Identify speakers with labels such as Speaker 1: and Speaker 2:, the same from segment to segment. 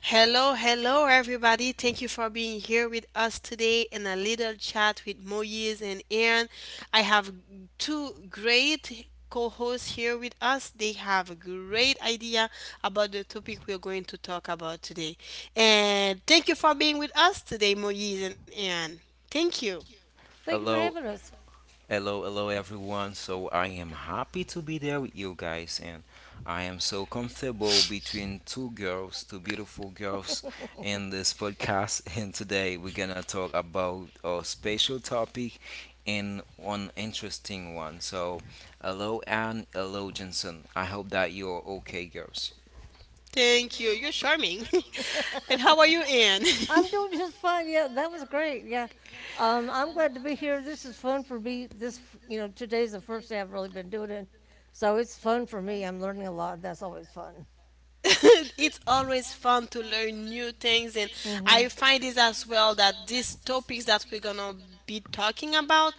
Speaker 1: Hello, hello, everybody. Thank you for being here with us today in a little chat with Moyes and Aaron. I have two great co hosts here with us. They have a great idea about the topic we're going to talk about today. And thank you for being with us today, Moyes and Aaron. Thank you.
Speaker 2: Thank you for having
Speaker 3: Hello,
Speaker 2: us.
Speaker 3: hello, hello, everyone. So I am happy to be there with you guys, and I am so comfortable between two girls, two beautiful girls, in this podcast. And today we're gonna talk about a special topic and one interesting one. So, hello, Anne, hello, Jensen. I hope that you're okay, girls.
Speaker 1: Thank you. You're charming. And how are you, Anne?
Speaker 2: I'm doing just fine. Yeah, that was great. Yeah. I'm glad to be here. This is fun for me. Today's the first day I've really been doing it. So it's fun for me. I'm learning a lot. That's always fun.
Speaker 1: It's always fun to learn new things, and I
Speaker 2: Mm
Speaker 1: find it as well that these topics that we're gonna be talking about,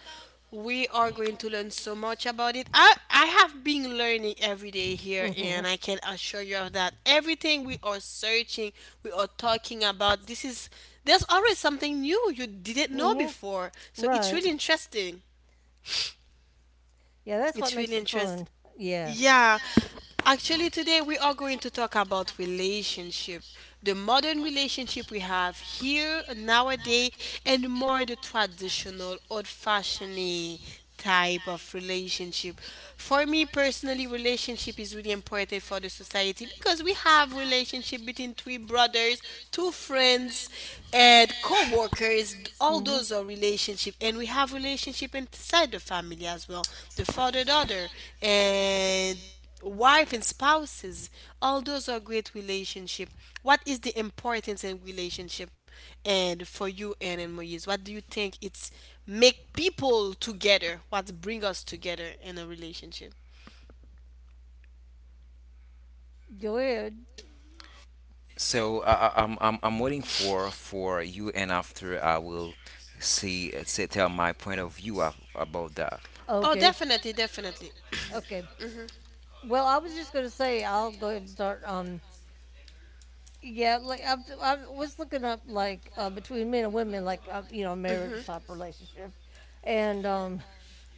Speaker 1: we are going to learn so much about it. I have been learning every day here,
Speaker 2: hmm. Mm hmm.
Speaker 1: and I can assure you of that. Everything we are searching, we are talking about, this is, there's always something new you didn't
Speaker 2: Mm
Speaker 1: know
Speaker 2: hmm.
Speaker 1: before, so it's
Speaker 2: Right.
Speaker 1: really interesting.
Speaker 2: Yeah, that's what
Speaker 1: It's really
Speaker 2: makes it
Speaker 1: interesting.
Speaker 2: fun. Yeah.
Speaker 1: Yeah, actually, today we are going to talk about relationship, the modern relationship we have here nowadays, and more the traditional, old-fashioned type of relationship. For me personally, relationship is really important for the society because we have relationship between three brothers, two friends, and co-workers. All
Speaker 2: Mm hmm.
Speaker 1: those are relationship, and we have relationship inside the family as well. The father, daughter, and wife and spouses, all those are great relationship. What is the importance in relationship? And for you, Anne and Moise, what do you think it's make people together? What bring us together in a relationship?
Speaker 2: Go ahead.
Speaker 3: So I'm waiting for you, and after I will see say tell my point of view about that.
Speaker 1: Oh,
Speaker 2: Okay.
Speaker 1: definitely, definitely.
Speaker 2: Okay. Well, I was just going to say, I'll go ahead and start. Yeah, I was looking up like between men and women, like marriage type relationship, and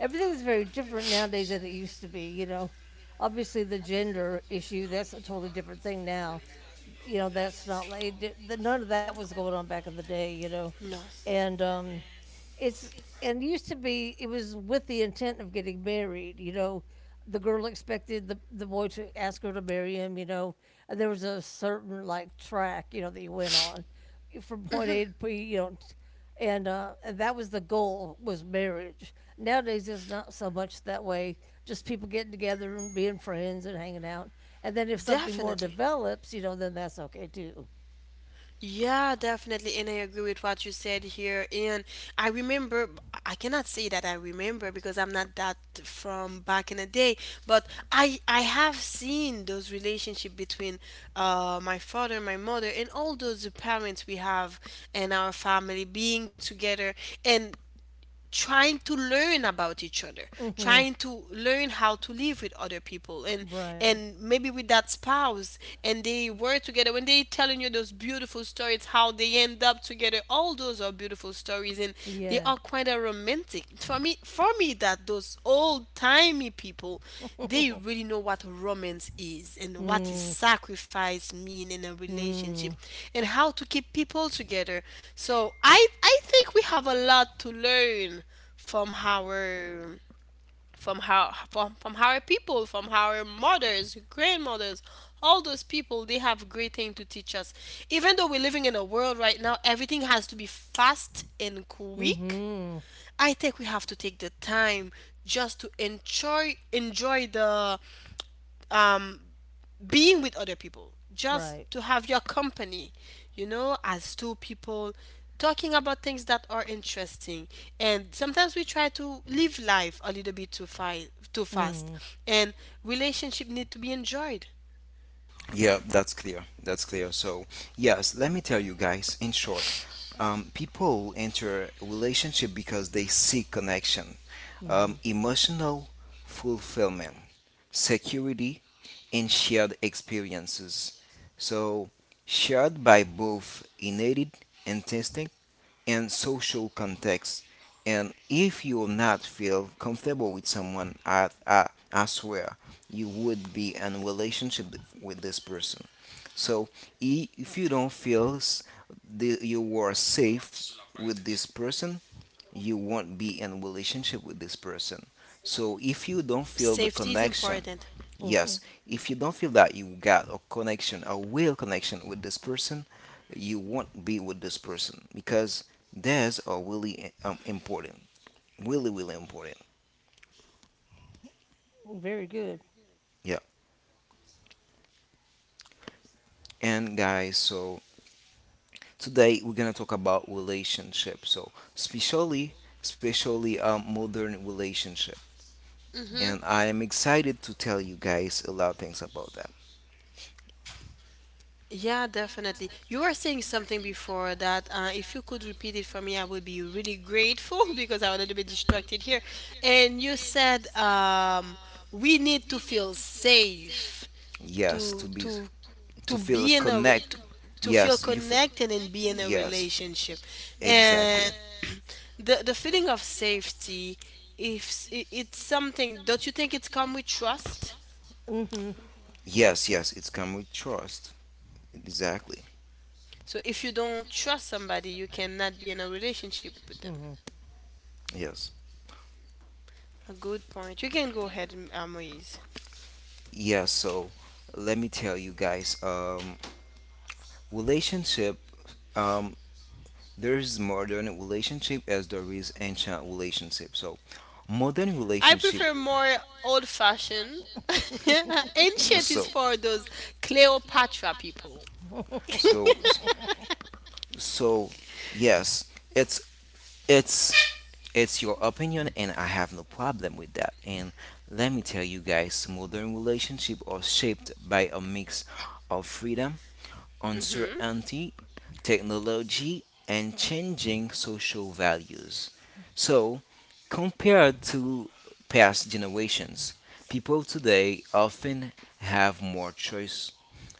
Speaker 2: everything is very different nowadays than it used to be. Obviously, the gender issue, that's a totally different thing now. That's not none of that was going on back in the day.
Speaker 1: No,
Speaker 2: And um, it's and it used to be, it was with the intent of getting married, the girl expected the boy to ask her to marry him. And there was a certain, like, track, that you went on from point A to P. And that was the goal, was marriage. Nowadays it's not so much that way, just people getting together and being friends and hanging out. And then if something more
Speaker 1: definitely.
Speaker 2: develops, then that's okay too.
Speaker 1: Yeah, definitely. And I agree with what you said here. And I remember, I cannot say that I remember because I'm not that from back in the day, but I have seen those relationship between my father and my mother, and all those parents we have in our family being together. And trying to learn about each other,
Speaker 2: Mm-hmm.
Speaker 1: trying to learn how to live with other people,
Speaker 2: Right.
Speaker 1: and maybe with that spouse. And they were together. When they telling you those beautiful stories how they end up together, all those are beautiful stories. And they
Speaker 2: Yeah.
Speaker 1: are quite a romantic for me. For me, that those old timey people, they really know what romance is and what is
Speaker 2: Mm.
Speaker 1: sacrifice mean in a relationship,
Speaker 2: Mm.
Speaker 1: and how to keep people together. So I think we have a lot to learn from our, from how from our people, from our mothers, grandmothers. All those people, they have great thing to teach us. Even though we're living in a world right now, everything has to be fast and
Speaker 2: Mm.
Speaker 1: quick,
Speaker 2: Mhm.
Speaker 1: I think we have to take the time just to enjoy the being with other people, just
Speaker 2: Right.
Speaker 1: to have your company, you know, as two people talking about things that are interesting. And sometimes we try to live life a little bit too fast.
Speaker 2: Mm.
Speaker 1: And relationship need to be enjoyed.
Speaker 3: Yeah, that's clear. That's clear. So, yes, let me tell you guys in short, people enter a relationship because they seek connection,
Speaker 2: Mhm.
Speaker 3: emotional fulfillment, security, and shared experiences. So, shared by both innate instinct and social context. And if you will not feel comfortable with someone, I swear you would be in a relationship with this person. So if you don't feel you are safe with this person, you won't be in relationship with this person. So if you don't feel the
Speaker 1: Safety is
Speaker 3: connection,
Speaker 1: important.
Speaker 2: Mhm.
Speaker 3: yes, if you don't feel that you got a connection, a real connection with this person, you won't be with this person because that's are really important, really important.
Speaker 2: Very good.
Speaker 3: Yeah. And guys, so today we're gonna talk about relationships, so especially modern relationship, and I am excited to tell you guys a lot of things about that.
Speaker 1: Yeah, definitely. You were saying something before that. If you could repeat it for me, I would be really grateful because I'm a little bit distracted here. And you said we need to feel safe
Speaker 3: Yes, to
Speaker 1: to
Speaker 3: be
Speaker 1: to
Speaker 3: to
Speaker 1: to
Speaker 3: feel a
Speaker 1: be in a w-
Speaker 3: connect.
Speaker 1: to feel
Speaker 3: Yes, you feel.
Speaker 1: connected and be in a
Speaker 3: Yes,
Speaker 1: relationship.
Speaker 3: exactly.
Speaker 1: And the feeling of safety, if it, it's something, don't you think it's come with trust?
Speaker 2: Mm.
Speaker 3: Yes, yes, it's come with trust. Exactly.
Speaker 1: So if you don't trust somebody, you cannot be in a relationship with them.
Speaker 2: Mhm.
Speaker 3: Yes.
Speaker 1: A good point. You can go ahead, Moise.
Speaker 3: Yes. So let me tell you guys, relationship. um, there is modern relationship as there is ancient relationship. So modern
Speaker 1: I
Speaker 3: relationship.
Speaker 1: prefer more old fashioned.
Speaker 2: Mhm.
Speaker 1: Ancient
Speaker 3: So
Speaker 1: is for those Cleopatra people.
Speaker 3: so so yes, it's it's it's your opinion, and I have no problem with that. And let me tell you guys, modern relationship are shaped by a mix of freedom
Speaker 1: Hmm.
Speaker 3: uncertainty, technology, and changing social values. So, compared to past generations, people today often have more choice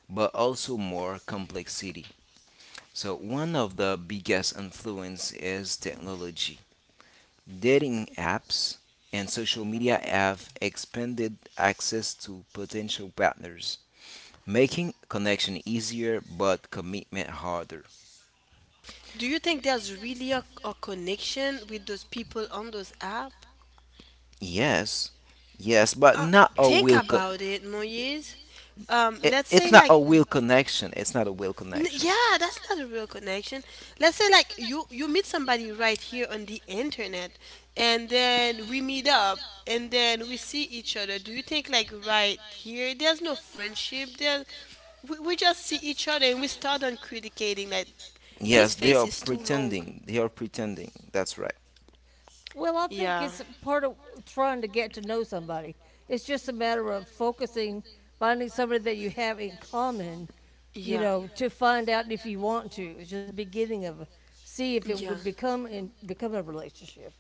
Speaker 3: but also more complexity. So, one of the biggest influence is technology. Dating apps and social media have expanded access to potential partners, making connection easier but commitment harder.
Speaker 1: Do you think there's really a connection with those people on those app?
Speaker 3: Yes, yes, but
Speaker 1: Uh,
Speaker 3: not a
Speaker 1: think
Speaker 3: will. Con-
Speaker 1: about it, Moise.
Speaker 3: it,
Speaker 1: Let's
Speaker 3: it's
Speaker 1: say
Speaker 3: not
Speaker 1: like,
Speaker 3: a will connection. It's not a will
Speaker 1: N-
Speaker 3: connection.
Speaker 1: yeah, that's not a real connection. Let's say like you meet somebody right here on the internet, and then we meet up, and then we see each other. Do you think like right here there's no friendship there? We just see each other and we start on critiquing that. His
Speaker 3: Yes, they
Speaker 1: face
Speaker 3: are
Speaker 1: is too long.
Speaker 3: pretending. They are pretending. That's right.
Speaker 2: Well, I think
Speaker 1: Yeah.
Speaker 2: it's part of trying to get to know somebody. It's just a matter of focusing, finding somebody that you have in common,
Speaker 1: Yeah.
Speaker 2: to find out if you want to. It's just beginning of a- See if it would
Speaker 1: Yeah.
Speaker 2: become a relationship,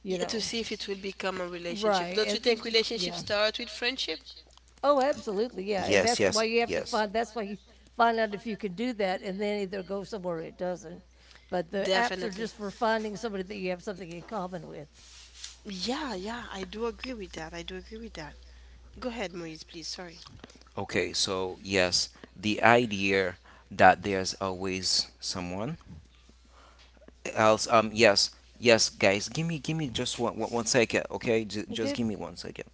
Speaker 2: you
Speaker 1: Yeah, to
Speaker 2: know.
Speaker 1: see if it will become a relationship.
Speaker 2: Right.
Speaker 1: Don't
Speaker 2: And
Speaker 1: you think relationships
Speaker 2: yeah.
Speaker 1: start with friendship?
Speaker 2: Oh, absolutely, yeah, and
Speaker 3: Yes,
Speaker 2: that's why
Speaker 3: yes,
Speaker 2: you have to
Speaker 3: yes.
Speaker 2: find. That's why you find out if you can do that, and then either go somewhere it doesn't. But the apps are
Speaker 1: Definitely.
Speaker 2: just for finding somebody that you have something in common with.
Speaker 1: Yeah, yeah, I do agree with that, I do agree with that. Go ahead, Moise, please. Sorry.
Speaker 3: Okay, so yes, the idea that there's always someone else. Yes, yes, guys, give me just one second. Okay, just
Speaker 2: Okay.
Speaker 3: give me one second.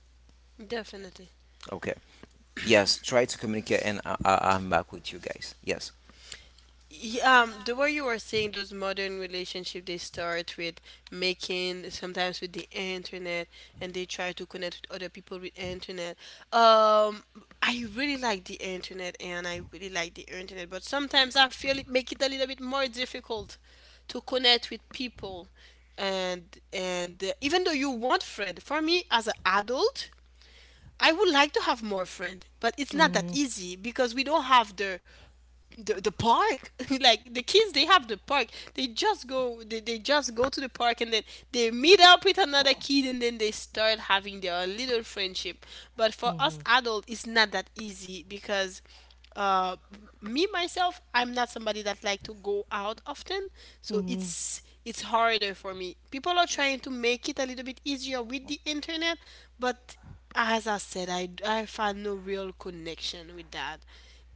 Speaker 1: Definitely.
Speaker 3: Okay. Yes, try to communicate, and I'm back with you guys. Yes,
Speaker 1: The way you were saying those modern relationship, they start with making sometimes with the internet, and they try to connect with other people with internet. Um, I really like the internet, and I really like the internet, but sometimes I feel it make it a little bit more difficult to connect with people. And even though you want friend, for me as an adult, I would like to have more friends, but it's not that
Speaker 2: Mm-hmm.
Speaker 1: easy because we don't have the the park. Like the kids, they have the park. They just go, they just go to the park, and then they meet up with another kid, and then they start having their little friendship. But for us
Speaker 2: Mm-hmm.
Speaker 1: adult, it's not that easy because uh me myself, I'm not somebody that like to go out often, so
Speaker 2: Mm-hmm.
Speaker 1: it's harder for me. People are trying to make it a little bit easier with the internet, but as I said, I found no real connection with that.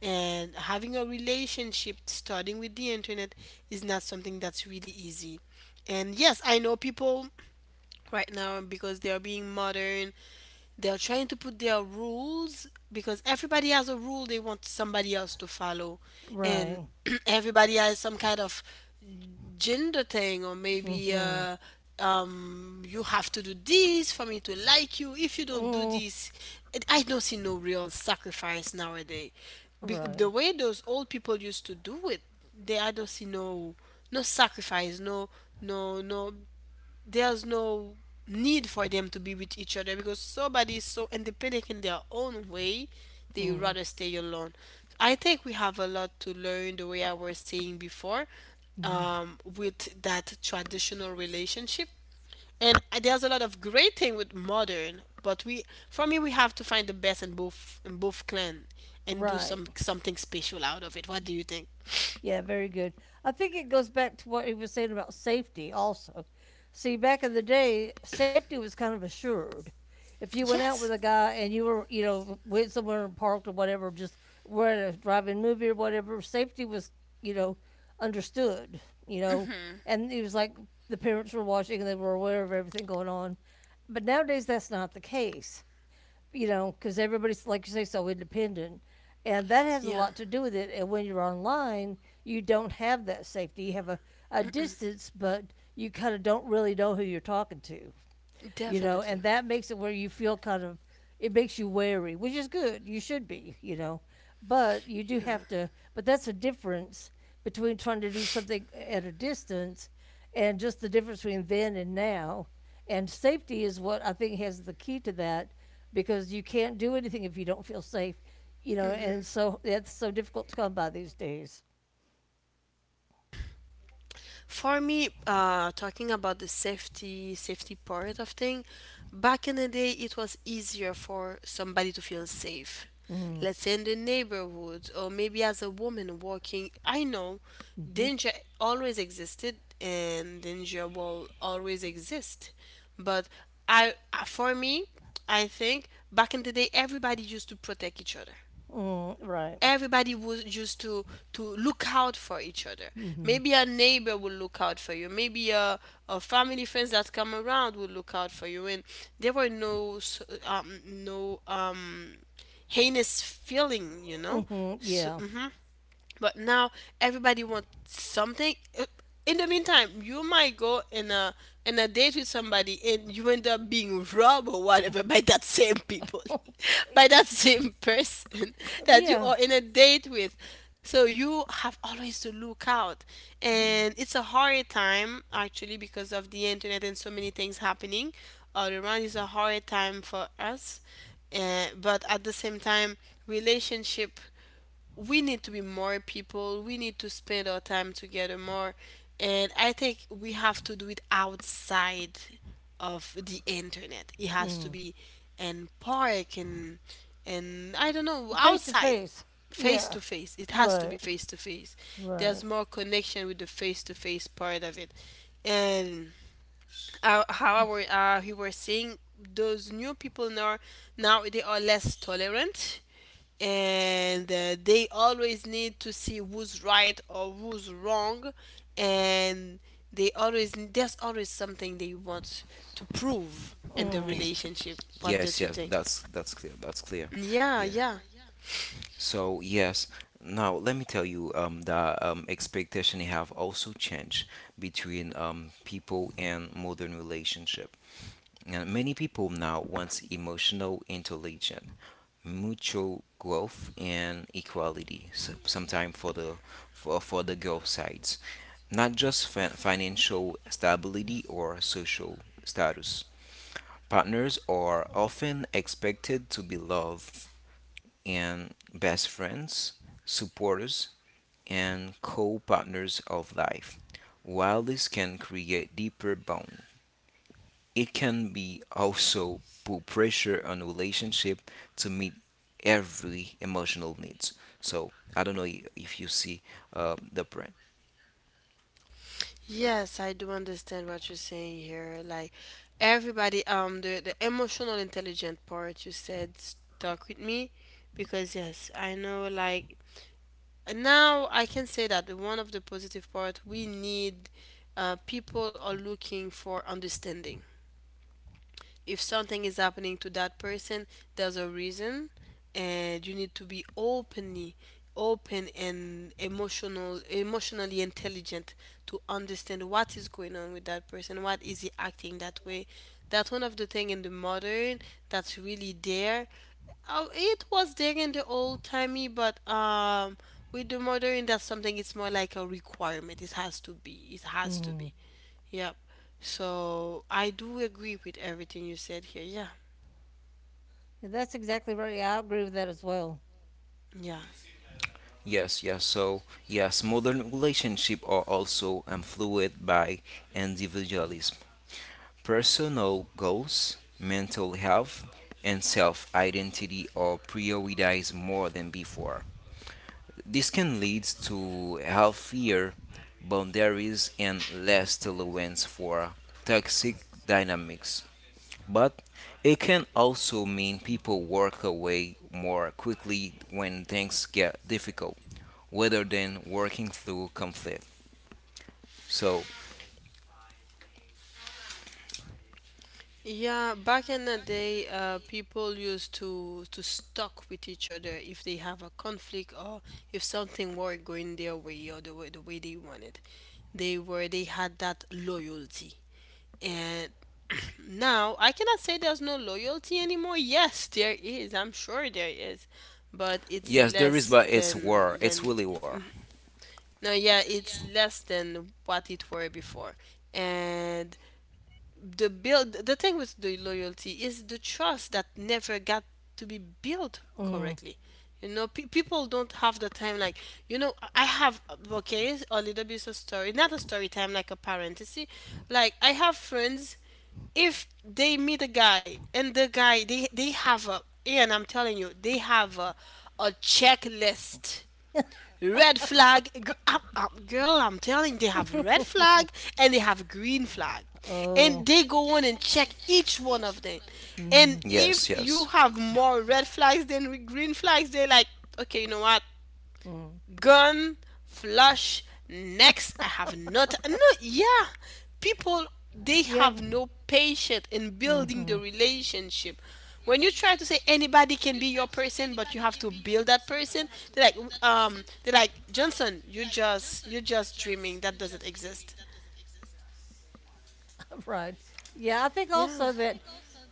Speaker 1: And having a relationship starting with the internet is not something that's really easy. And yes, I know people right now, because they are being modern, they are trying to put their rules because everybody has a rule they want somebody else to follow, and
Speaker 2: Right.
Speaker 1: everybody has some kind of gender thing, or maybe
Speaker 2: Mm-hmm.
Speaker 1: you have to do this for me to like you. If you don't do
Speaker 2: Mm.
Speaker 1: this, I don't see no real sacrifice nowadays. The
Speaker 2: Right.
Speaker 1: way those old people used to do it, they, I don't see no, no sacrifice, no, no, no, there's no need for them to be with each other because somebody is so independent in their own way, they would
Speaker 2: Mm.
Speaker 1: rather stay alone. I think we have a lot to learn the way I was saying before,
Speaker 2: Mm.
Speaker 1: with that traditional relationship. And There's a lot of great thing with modern, but we, for me, we have to find the best in both, in both clan, and do
Speaker 2: Right.
Speaker 1: something special out of it. What do you think?
Speaker 2: Yeah, very good. I think it goes back to what he was saying about safety also. See, back in the day, safety was kind of assured. If you went out with
Speaker 1: Yes.
Speaker 2: a guy and you went somewhere and parked or whatever, just were in a driving movie or whatever, safety was, you know, understood, you know. And it was like the parents were watching and they were aware of everything going on. But nowadays, that's not the case, because everybody's, like you say, so independent. And that has a
Speaker 1: Yeah,
Speaker 2: lot to do with it. And when you're online, you don't have that safety. You have a distance, but you kind of don't really know who you're talking to, and
Speaker 1: definitely.
Speaker 2: that makes it where you it makes you wary, which is good. You should be, but you do have to, but that's a difference between trying to do something at a distance and just the difference between then and now. And safety is what I think has the key to that because you can't do anything if you don't feel safe. And so it's so difficult to come by these days.
Speaker 1: For me, talking about the safety part of thing, back in the day it was easier for somebody to feel safe.
Speaker 2: Mm-hmm.
Speaker 1: Let's say in the neighborhood, or maybe as a woman walking. I know
Speaker 2: Mm-hmm.
Speaker 1: danger always existed, and danger will always exist. But I, for me, I think back in the day everybody used to protect each other.
Speaker 2: Mm-hmm. Right.
Speaker 1: Everybody was used to look out for each other.
Speaker 2: Mm-hmm.
Speaker 1: Maybe a neighbor will look out for you, maybe a family friends that come around will look out for you, and there were no heinous feeling, you know.
Speaker 2: Mm-hmm.
Speaker 1: So,
Speaker 2: Yeah.
Speaker 1: but now, everybody wants something. In the meantime, you might go in a date with somebody and you end up being robbed or whatever by that same people, by that same person that you
Speaker 2: Yeah.
Speaker 1: are in a date with. So you have always to look out, and it's a hard time actually because of the internet and so many things happening all around. It's a hard time for us, but at the same time, relationship, we need to be more people. We need to spend our time together more. And I think we have to do it outside of the internet. It has to
Speaker 2: Mm-hmm.
Speaker 1: be in park and I don't know,
Speaker 2: Face to
Speaker 1: outside.
Speaker 2: face.
Speaker 1: Face
Speaker 2: Yeah.
Speaker 1: to face. It has to be
Speaker 2: Right.
Speaker 1: face to face. There's
Speaker 2: Right.
Speaker 1: more connection with the face to face part of it. And you were saying, those new people now, now they are less tolerant, and they always need to see who's right or who's wrong, and they always, there's always something they want to prove in the
Speaker 2: Mm-hmm.
Speaker 3: Ex-
Speaker 1: relationship.
Speaker 3: Exactly.
Speaker 1: What don't
Speaker 3: Yes,
Speaker 1: you
Speaker 3: yes.
Speaker 1: think?
Speaker 3: That's clear. That's clear.
Speaker 1: Yeah,
Speaker 3: Yeah.
Speaker 1: yeah.
Speaker 3: So yes, now let me tell you that expectation have also changed between people and modern relationship. And many people now want emotional intelligence, mutual growth, and equality. So, sometime for the girl side. Not just financial stability or social status. Partners are often expected to be love and best friends, supporters, and co partners of life. While this can create deeper bonds, it can be also put pressure on relationship to meet every emotional needs. So I don't know if you see the brand.
Speaker 1: Yes, I do understand what you're saying here. Like everybody, the emotional intelligent part you said stuck with me. Because yes, I know, like now, I can say that one of the positive part we need, people are looking for understanding. If something is happening to that person, there's a reason, and you need to be openly open and emotionally intelligent to understand what is going on with that person, what is he acting that way. That's one of the thing in the modern that's really there. Oh, it was there in the old timey, but with the modern, that's something. It's more like a requirement. It has to be. It has to
Speaker 2: Mm-hmm.
Speaker 1: be. Yep. So I do agree with everything you said here. Yeah.
Speaker 2: That's exactly right. Yeah, I agree with that as well.
Speaker 1: Yeah.
Speaker 3: Yes, yes. So, yes, modern relationships are also influenced by individualism, personal goals, mental health, and self identity are prioritized more than before. This can lead to healthier boundaries and less tolerance for toxic dynamics. But it can also mean people walk away more quickly when things get difficult rather than working through conflict. So,
Speaker 1: Yeah, back in the day, people used to talk with each other if they have a conflict or if something weren't going their way or the way they wanted. They had that loyalty. And now I cannot say there's no loyalty anymore. Yes, there is. I'm sure there is, but it's
Speaker 3: yes, there is,
Speaker 1: less
Speaker 3: but it's war.
Speaker 1: than.
Speaker 3: It's really war.
Speaker 1: mm, No, yeah, it's less than what it were before. And the thing with the loyalty is the trust that never got to be built
Speaker 2: Mm.
Speaker 1: correctly. You know, people don't have the time. Like, you know, I have, okay, a little bit of story, not a story time, like a parenthesis. Like, I have friends, if they meet a guy and the guy they have a, and I'm telling you they have a checklist, red flag. Girl, I'm telling you, they have red flag and they have green flag. And
Speaker 2: Oh.
Speaker 1: they go on and check each one of them. And
Speaker 2: Mm.
Speaker 3: Yes,
Speaker 1: if
Speaker 3: yes.
Speaker 1: you have more red flags than green flags, they're like, okay, you know what?
Speaker 2: Mm.
Speaker 1: Gun, flush, next. I have not, no, yeah, people, they
Speaker 2: Yeah.
Speaker 1: have no patience in building
Speaker 2: Mm-hmm.
Speaker 1: the relationship. When you try to say anybody can be your person, but you have to build that person, they're like, they're like, Johnson, you just, you're just dreaming, that doesn't exist.
Speaker 2: Right. Yeah, I think
Speaker 1: Yeah.
Speaker 2: also that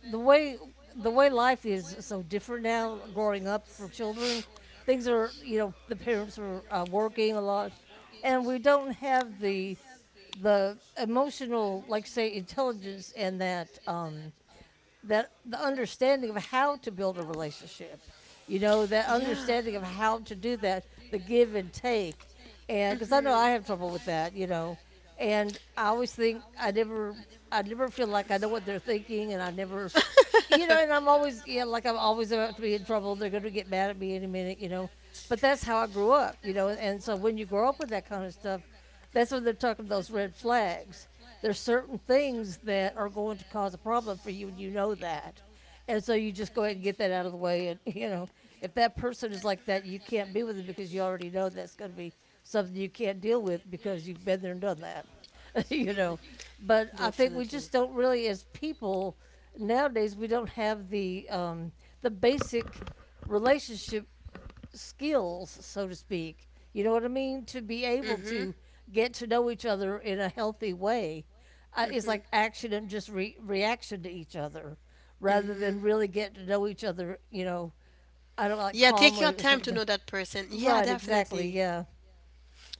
Speaker 2: the way the way life is so different now growing up for children, things are, the parents are working a lot and we don't have the emotional like, say, intelligence, and that the understanding of how to build a relationship, you know, that
Speaker 1: Yeah.
Speaker 2: understanding of how to do that, the give and take. And because I know
Speaker 1: Mm-hmm.
Speaker 2: I have trouble with that, and I always think I never feel like I know what they're thinking, and I never — and I'm always, yeah, like I'm always about to be in trouble, they're going to get mad at me any minute. But that's how I grew up, and so when you grow up with that kind of stuff, that's when they're talking those red flags. There's certain things that are going to cause a problem for you, and you know that. And so you just go ahead and get that out of the way. And, if that person is like that, you can't be with them because you already know that's going to be something you can't deal with because you've been there and done that, you know. But I think we just
Speaker 1: Definitely.
Speaker 2: don't really, as people nowadays, we don't have the basic relationship skills, so to speak. You know what I mean? To be able
Speaker 1: Mm-hmm.
Speaker 2: to get to know each other in a healthy way, is
Speaker 1: Mm-hmm.
Speaker 2: like action and just reaction to each other rather than
Speaker 1: Mm-hmm.
Speaker 2: really get to know each other, I don't know, like
Speaker 1: Yeah, take your
Speaker 2: calmly or
Speaker 1: time to
Speaker 2: something.
Speaker 1: know that person. Yeah,
Speaker 2: Right, exactly.
Speaker 1: definitely.
Speaker 2: Yeah.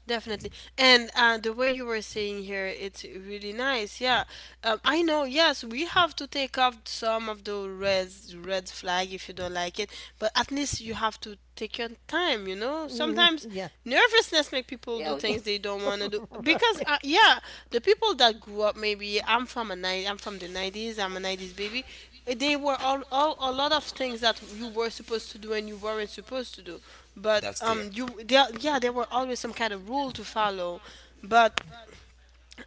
Speaker 1: Definitely. And the way you were saying here, it's really nice. Yeah. I know, yes, we have to take off some of the red flag if you don't like it, but at least you have to take your time, you know?
Speaker 2: Mm,
Speaker 1: Sometimes
Speaker 2: yeah.
Speaker 1: nervousness make people
Speaker 2: Yeah.
Speaker 1: do
Speaker 2: Oh, yeah.
Speaker 1: things they don't want to do because
Speaker 2: Right.
Speaker 1: yeah, the people that grew up, maybe I'm from the 90s, I'm a 90s baby, they were all a lot of things that you were supposed to do and you weren't supposed to do, but
Speaker 3: That's clear.
Speaker 1: um, you there, yeah, there were always some kind of rule to follow. But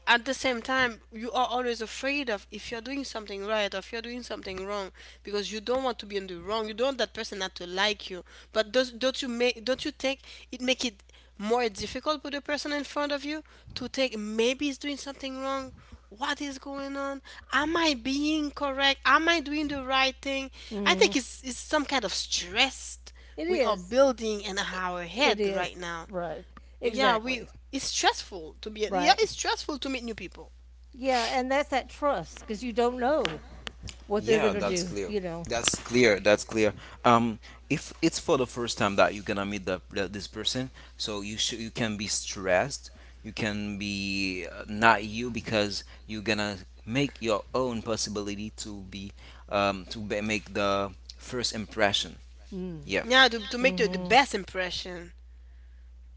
Speaker 1: at the same time, you are always afraid of if you're doing something right or if you're doing something wrong, because you don't want to be in the wrong, you don't want that person not to like you. But don't you make don't you think it make it more difficult for the person in front of you to think maybe he's doing something wrong? What is going on? Am I being correct? Am I doing the right thing? I
Speaker 2: Mm,
Speaker 1: think it's some kind of stress
Speaker 2: it
Speaker 1: we are
Speaker 2: is.
Speaker 1: building in
Speaker 2: It,
Speaker 1: our
Speaker 2: it
Speaker 1: head
Speaker 2: is.
Speaker 1: right now.
Speaker 2: Right.
Speaker 1: Yeah,
Speaker 2: Exactly.
Speaker 1: we, it's stressful to be, yeah,
Speaker 2: Right.
Speaker 1: it's stressful to meet new people.
Speaker 2: Yeah. And that's that trust because you don't know what they're going
Speaker 3: Yeah,
Speaker 2: to
Speaker 1: Y-
Speaker 3: that's
Speaker 2: do,
Speaker 3: clear.
Speaker 2: you know.
Speaker 3: That's clear. That's clear. Um, if it's for the first time that you're gonna meet the this person, so you can be stressed. You can be not you because you're gonna make your own possibility to be make the first impression.
Speaker 2: Mm.
Speaker 3: Yeah.
Speaker 1: yeah, to make the
Speaker 2: Mm-hmm.
Speaker 1: best impression.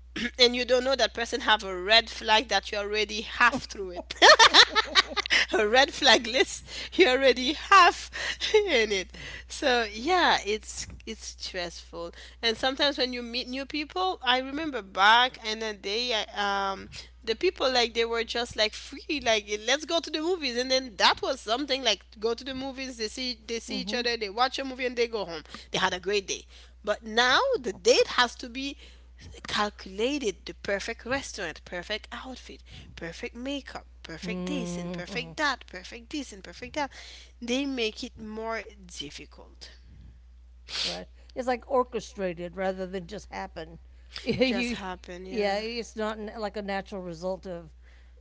Speaker 1: And you don't know that person have a red flag that you already half through it. A red flag list you already have in it. So yeah, it's stressful. And sometimes when you meet new people, I remember back and then they I, um, the people, like, they were just like free, like, let's go to the movies. And then that was something, like, go to the movies, they see each
Speaker 2: Mm-hmm.
Speaker 1: other, they watch a movie, and they go home. They had a great day. But now the date has to be calculated, the perfect restaurant, perfect outfit, perfect makeup, perfect this and
Speaker 2: Mm-hmm.
Speaker 1: perfect that, perfect this and perfect that. They make it more difficult.
Speaker 2: Right. It's like orchestrated rather than just happen.
Speaker 1: Just
Speaker 2: you,
Speaker 1: happen,
Speaker 2: yeah,
Speaker 1: yeah.
Speaker 2: it's not like a natural result of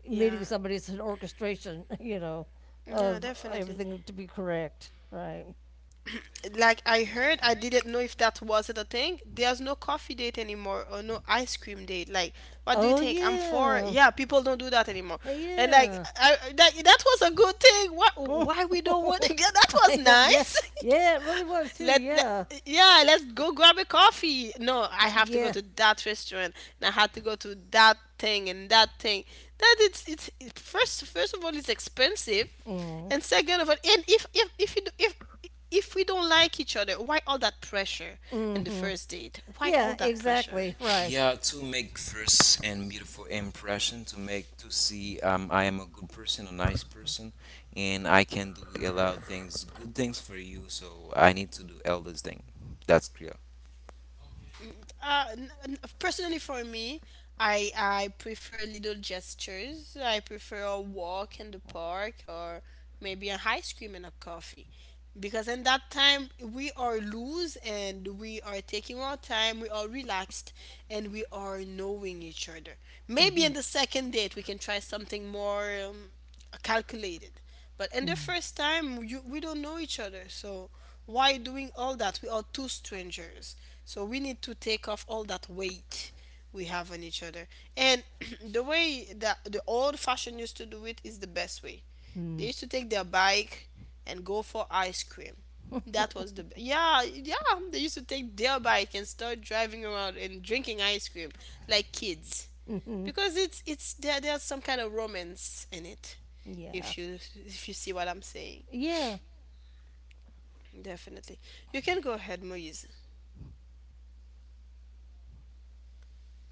Speaker 2: meeting
Speaker 1: Yeah.
Speaker 2: somebody. It's an orchestration,
Speaker 1: Yeah,
Speaker 2: of
Speaker 1: definitely.
Speaker 2: everything to be correct. Right.
Speaker 1: Like, I heard, I didn't know if that was it a thing. There's no coffee date anymore or no ice cream date. Like, what do you
Speaker 2: Oh
Speaker 1: think? I'm for,
Speaker 2: yeah,
Speaker 1: yeah. People don't do that anymore. And like,
Speaker 2: yeah.
Speaker 1: I- that that was a good thing. What?
Speaker 2: I
Speaker 1: Why we don't want to get? That was
Speaker 2: don't. Yeah,
Speaker 1: nice.
Speaker 2: yeah. It really was too.
Speaker 1: Let,
Speaker 2: Yeah,
Speaker 1: yeah, let's go grab a coffee. No, I have to go
Speaker 2: yeah.
Speaker 1: to that restaurant and I had to go to that thing and that thing. That it- first of all, it's expensive.
Speaker 2: Mm.
Speaker 1: And second of all, and if if you do, if we don't like each other, why all that pressure in the
Speaker 2: Mm-hmm.
Speaker 1: first date? Why
Speaker 2: Yeah.
Speaker 1: all that pressure?
Speaker 2: Exactly. Right.
Speaker 3: Yeah, to make first and beautiful impression, to see I am a good person, a nice person, and I can do a lot of things, good things for you. So I need to do all this thing. That's clear.
Speaker 1: Personally, for me, I prefer little gestures. I prefer a walk in the park or maybe an ice cream and a coffee, because in that time we are loose and we are taking our time. We are relaxed and we are knowing each other. Maybe
Speaker 2: Mm-hmm.
Speaker 1: in the second date we can try something more. Calculated. But in the
Speaker 2: Mm,
Speaker 1: first time, we don't know each other, so why doing all that? We are two strangers, so we need to take off all that weight we have on each other. And the way that the old fashion used to do it is the best way.
Speaker 2: mm,
Speaker 1: They used to take their bike and go for ice cream. That was the, yeah, yeah. They used to take their bike and start driving around and drinking ice cream like kids,
Speaker 2: mm-hmm.
Speaker 1: because it's there's some kind of romance in it
Speaker 2: Yeah.
Speaker 1: if you, if you see what I'm saying.
Speaker 2: Yeah.
Speaker 1: Definitely. You can go ahead, Moise.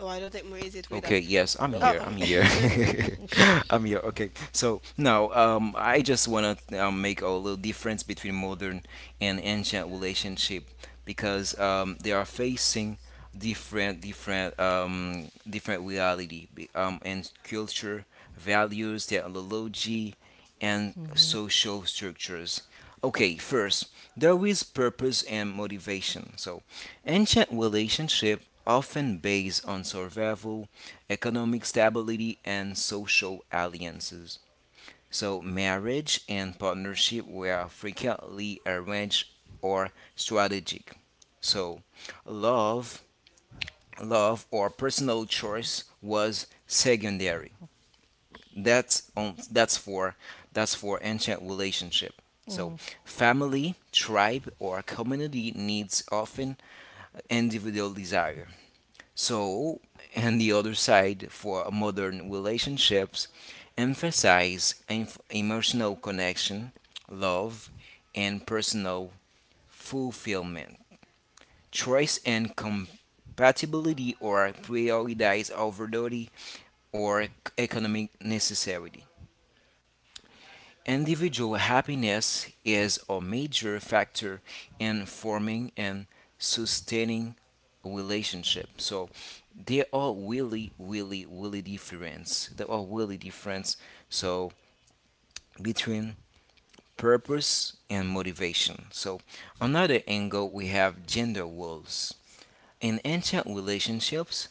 Speaker 1: Oh, I don't think Moise is with
Speaker 3: Okay,
Speaker 1: us.
Speaker 3: yes, I'm here.
Speaker 1: Oh,
Speaker 3: I'm
Speaker 1: okay.
Speaker 3: here.
Speaker 1: Okay.
Speaker 3: I'm here. Okay. So now, I just wanna make a little difference between modern and ancient relationship because they are facing different reality and culture, values, technology, and
Speaker 2: Mm-hmm.
Speaker 3: social structures. Okay, first, there is purpose and motivation. So, ancient relationship often based on survival economic stability, and social alliances. So, marriage and partnership were frequently arranged or strategic. So, love, love or personal choice was secondary. That's on, that's for that's for ancient relationship. So,
Speaker 2: Mm-hmm.
Speaker 3: family, tribe, or community needs often individual desire. So, and the other side, for modern relationships, emphasize emotional connection, love, and personal fulfillment. Choice and compatibility are prioritized over duty or economic necessity. Individual happiness is a major factor in forming and sustaining relationship. So they are really, really, really different. They are really different. So between purpose and motivation. So another angle we have gender roles. In ancient relationships,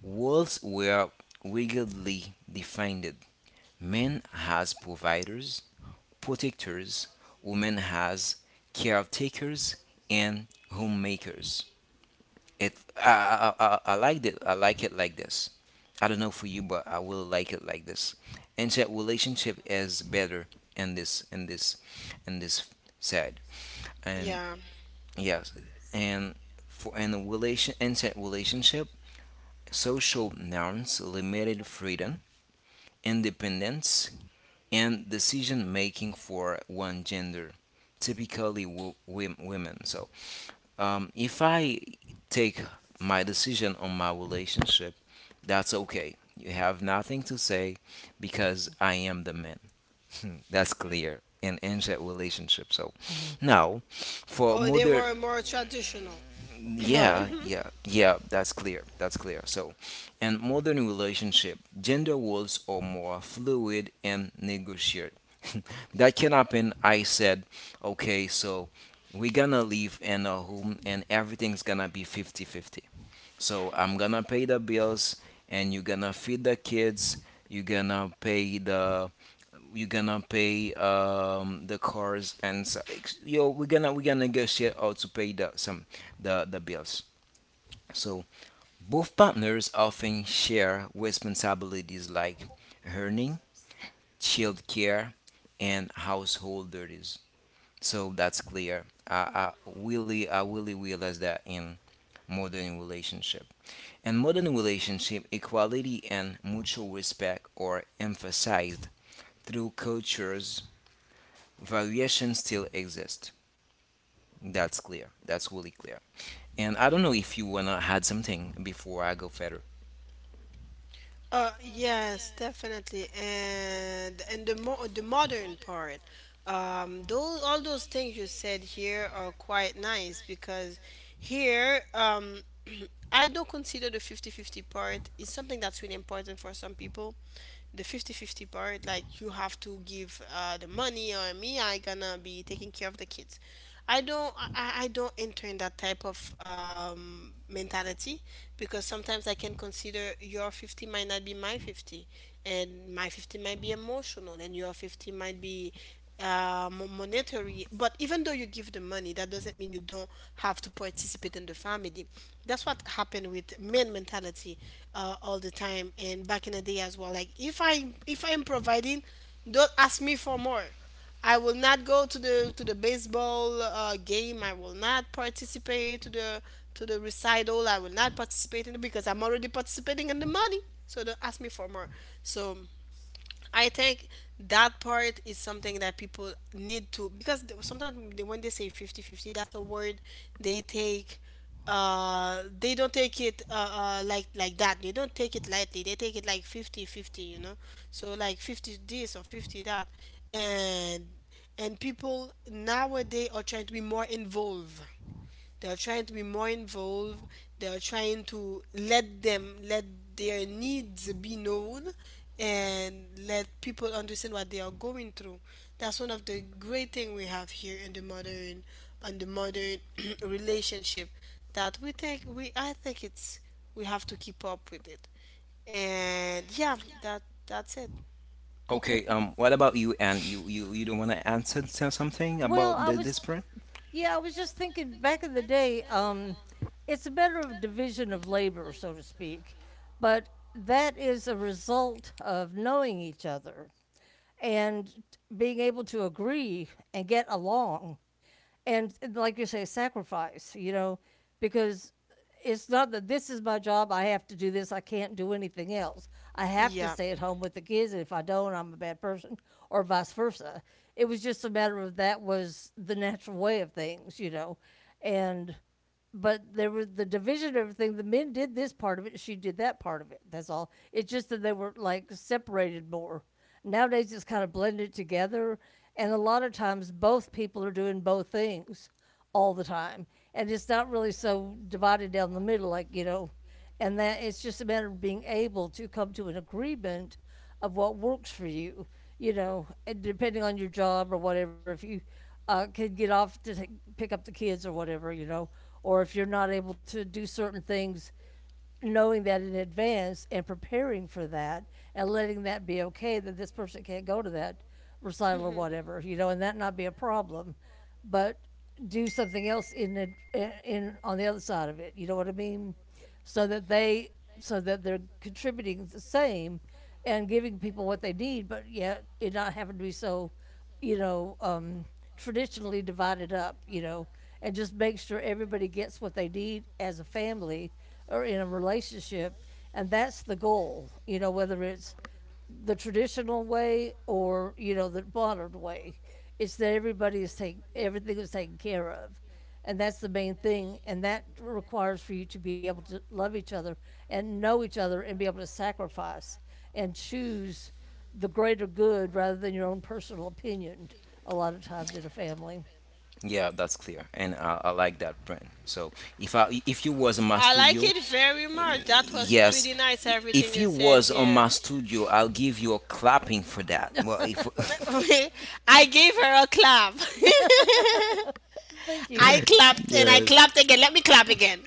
Speaker 3: roles were rigidly defined. Men as providers, protectors, women has caretakers and homemakers. It I like it. I like it like this. I don't know for you, but I will like it like this. And that relationship is better in this in this in this side. And
Speaker 1: Yeah.
Speaker 3: yes, and for in a relation in that relationship, social norms limited freedom, independence, and decision making for one gender, typically women. So, if I take my decision on my relationship, that's okay. You have nothing to say because I am the man. That's clear and ends that relationship. So, now for
Speaker 1: Oh, they
Speaker 3: modern
Speaker 1: were more traditional.
Speaker 2: Right.
Speaker 3: yeah, yeah, yeah, that's clear. That's clear. So, in modern relationship, gender roles are more fluid and negotiated. That can happen. I said, okay, so we're gonna live in a home and everything's gonna be fifty-fifty. So I'm gonna pay the bills and you're gonna feed the kids, you're gonna pay the cars and so, ex- yo we're gonna negotiate how to pay the some the bills. So both partners often share responsibilities like earning child care and household duties. So that's clear. I really realize that modern relationship in modern relationship, equality and mutual respect are emphasized through cultures. Variations still exist. That's clear. That's really clear. And I don't know if you wanna add something before I go further.
Speaker 1: Yes, definitely, and the mo the modern part, those, all those things you said here are quite nice because here, I don't consider the 50 50 part is something that's really important for some people. The 50 50 part, like, you have to give the money, or me, I gonna be taking care of the kids. I don't enter in that type of mentality, because sometimes I can consider your 50 might not be my 50, and my 50 might be emotional and your 50 might be monetary. But even though you give the money, that doesn't mean you don't have to participate in the family. That's what happened with men mentality all the time, and back in the day as well. Like, if I'm providing, don't ask me for more. I will not go to the baseball game. I will not participate to the recital. I will not participate in it because I'm already participating in the money. So don't ask me for more. So I think that part is something that people need to, because sometimes when they say 50-50, that's a word they take, they don't take it like that, they don't take it lightly, they take it like 50-50, you know? So like 50 this or 50 that. and and people nowadays are trying to be more involved, they are trying to be more involved, they are trying to let their needs be known and let people understand what they are going through. That's one of the great thing we have here in the modern, on the modern, relationship, that we think we I think it's, we have to keep up with it. And yeah, that that's it.
Speaker 3: Okay. What about you? And you don't wanna answer something
Speaker 2: Well,
Speaker 3: about
Speaker 2: I
Speaker 3: the,
Speaker 2: was,
Speaker 3: this print?
Speaker 2: yeah, I was just thinking back in the day, it's a matter of division of labor, so to speak, but that is a result of knowing each other and being able to agree and get along and, like you say, sacrifice, because it's not that this is my job. I have to do this. I can't do anything else. I have to
Speaker 1: Yeah.
Speaker 2: stay at home with the kids. And if I don't, I'm a bad person, or vice versa. It was just a matter of that was the natural way of things. And, but there was the division of everything. The men did this part of it. She did that part of it. That's all. It's just that they were like separated more. Nowadays, it's kind of blended together. And a lot of times, both people are doing both things all the time, and it's not really so divided down the middle, and that it's just a matter of being able to come to an agreement of what works for you, and depending on your job or whatever, if you can get off to pick up the kids or whatever, or if you're not able to do certain things, knowing that in advance and preparing for that, and letting that be okay that this person can't go to that recital or whatever, and that not be a problem, but do something else in the in on the other side of it. You know what I mean? So that they so that they're contributing the same and giving people what they need, but yet it not having to be so you know, um, traditionally divided up, and just make sure everybody gets what they need as a family or in a relationship. And that's the goal, whether it's the traditional way or the modern way. It's that everybody is taken, everything is taken care of. And that's the main thing. And that requires for you to be able to love each other and know each other and be able to sacrifice and choose the greater good rather than your own personal opinion a lot of times in a family.
Speaker 3: Yeah, that's clear. And I like that print. So if you was in my
Speaker 1: I like
Speaker 3: studio,
Speaker 1: it very much. That was
Speaker 3: yes.
Speaker 1: pretty nice, everything
Speaker 3: If
Speaker 1: you
Speaker 3: you
Speaker 1: said
Speaker 3: was on
Speaker 1: here.
Speaker 3: my studio, I'll give you a clapping for that. Well, if
Speaker 1: I gave her a clap.
Speaker 2: Thank you.
Speaker 1: I clapped and I
Speaker 3: yeah,
Speaker 1: clapped again. Let me clap again.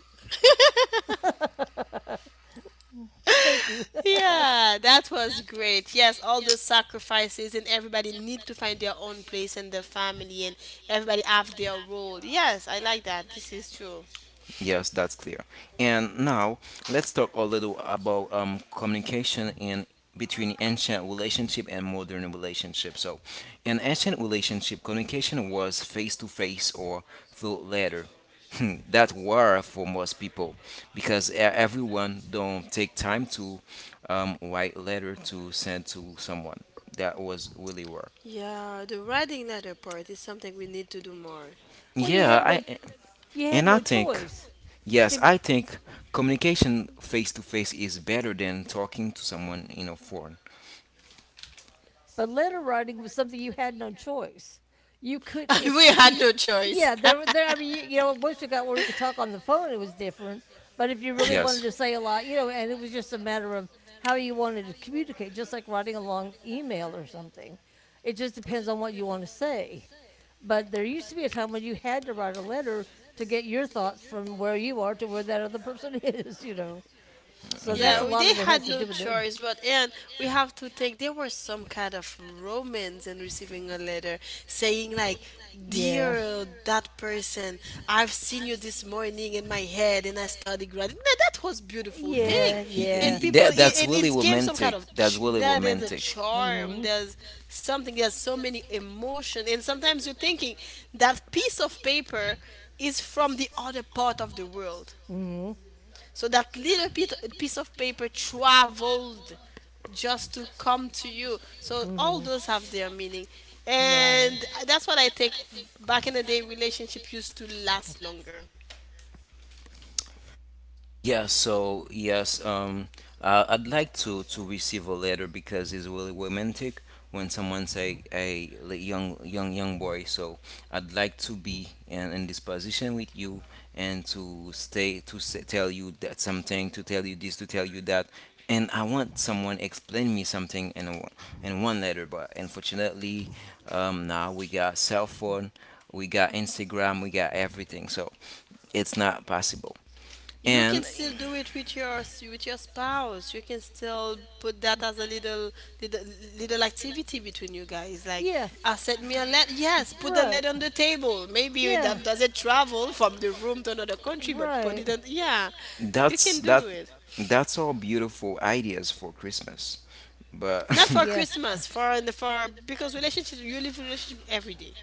Speaker 2: Thank you.
Speaker 1: Yeah, that was great. Yes, all those sacrifices, and everybody need to find their own place in the family, and everybody have their role. Yes, I like that. This is true.
Speaker 3: yes, that's clear. And now let's talk a little about communication in between ancient relationship and modern relationship. So, in ancient relationship, communication was face to face or through letter. That were for most people because everyone don't take time to write letter to send to someone. That was really war.
Speaker 1: Yeah, the writing letter part is something we need to do more.
Speaker 2: Well, you
Speaker 3: Yeah,
Speaker 2: had no
Speaker 3: I
Speaker 2: you had
Speaker 3: and I
Speaker 2: no
Speaker 3: think.
Speaker 2: choice.
Speaker 3: Yes,
Speaker 2: See,
Speaker 3: I think communication face to face is better than talking to someone in a phone.
Speaker 2: but letter writing was something you had no choice. You could it's
Speaker 1: We had no choice.
Speaker 2: Yeah, there there I mean, once you got where you could talk on the phone it was different, but if you really wanted
Speaker 3: Yes.
Speaker 2: to say a lot, and it was just a matter of how you wanted to communicate, just like writing a long email or something. It just depends on what you want to say. But there used to be a time when you had to write a letter to get your thoughts from where you are to where that other person is, you know. So that's
Speaker 3: Yeah.
Speaker 1: Yeah,
Speaker 2: a
Speaker 1: we,
Speaker 2: lot
Speaker 1: they
Speaker 2: of it has
Speaker 1: had
Speaker 2: to
Speaker 1: no
Speaker 2: do with it.
Speaker 1: choice, but and we have to think there was some kind of romance in receiving a letter saying like,
Speaker 2: Yeah.
Speaker 1: "Dear that person, I've seen you this morning in my head, and I study gratitude." That was beautiful thing,
Speaker 2: Yeah.
Speaker 3: Y-
Speaker 1: and
Speaker 2: Yeah.
Speaker 3: y-
Speaker 1: people
Speaker 3: That,
Speaker 1: it,
Speaker 3: that's
Speaker 1: and
Speaker 3: really
Speaker 1: it's gave some
Speaker 3: romantic.
Speaker 1: kind of
Speaker 3: That's really
Speaker 1: that there's a
Speaker 3: romantic.
Speaker 1: charm.
Speaker 2: Mm
Speaker 1: There's something. There's so many emotion, and sometimes you're thinking that piece of paper is from the other part of the world,
Speaker 2: hmm. Mm
Speaker 1: so that little bit piece of paper traveled just to come to you. So all
Speaker 2: hmm.
Speaker 1: those have their meaning.
Speaker 2: Right.
Speaker 1: And that's what I think, back in the day relationship used to last longer.
Speaker 3: Yeah, so yes, I'd like to receive a letter because it's really romantic when someone's a young boy. So I'd like to be in this position with you and to stay to s tell you that something, to tell you this, to tell you that. And I want someone explain me something in one letter, but unfortunately, now we got cell phone, we got Instagram, we got everything, so it's not possible.
Speaker 1: You can
Speaker 3: And
Speaker 1: still do it with your, with your spouse. You can still put that as a little, little, little activity between you guys. Like,
Speaker 2: Yeah.
Speaker 1: I sent me a letter. Yes, put the
Speaker 2: Right.
Speaker 1: letter on the table. Maybe
Speaker 2: Yeah.
Speaker 1: that doesn't travel from the room to another country, but put
Speaker 2: Right.
Speaker 1: it on. Yeah, you
Speaker 3: that's
Speaker 1: can
Speaker 3: you it.
Speaker 1: do it.
Speaker 3: That's all beautiful ideas for Christmas. But
Speaker 1: Not
Speaker 3: well,
Speaker 1: for
Speaker 2: Yeah.
Speaker 1: Christmas, for in the for, because relationship, you live in relationship every day.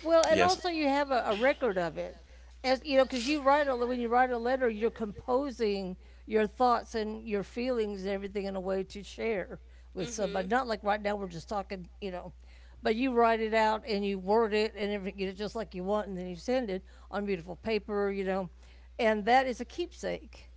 Speaker 2: Well, and
Speaker 3: yes,
Speaker 2: also you have a record of it, as you know, because you write a when you write a letter, you're composing your thoughts and your feelings and everything in a way to share with somebody.
Speaker 1: Mm-hmm.
Speaker 2: Not like right now we're just talking, you know, but you write it out and you word it and everything, you know, just like you want, and then you send it on beautiful paper, you know, and that is a keepsake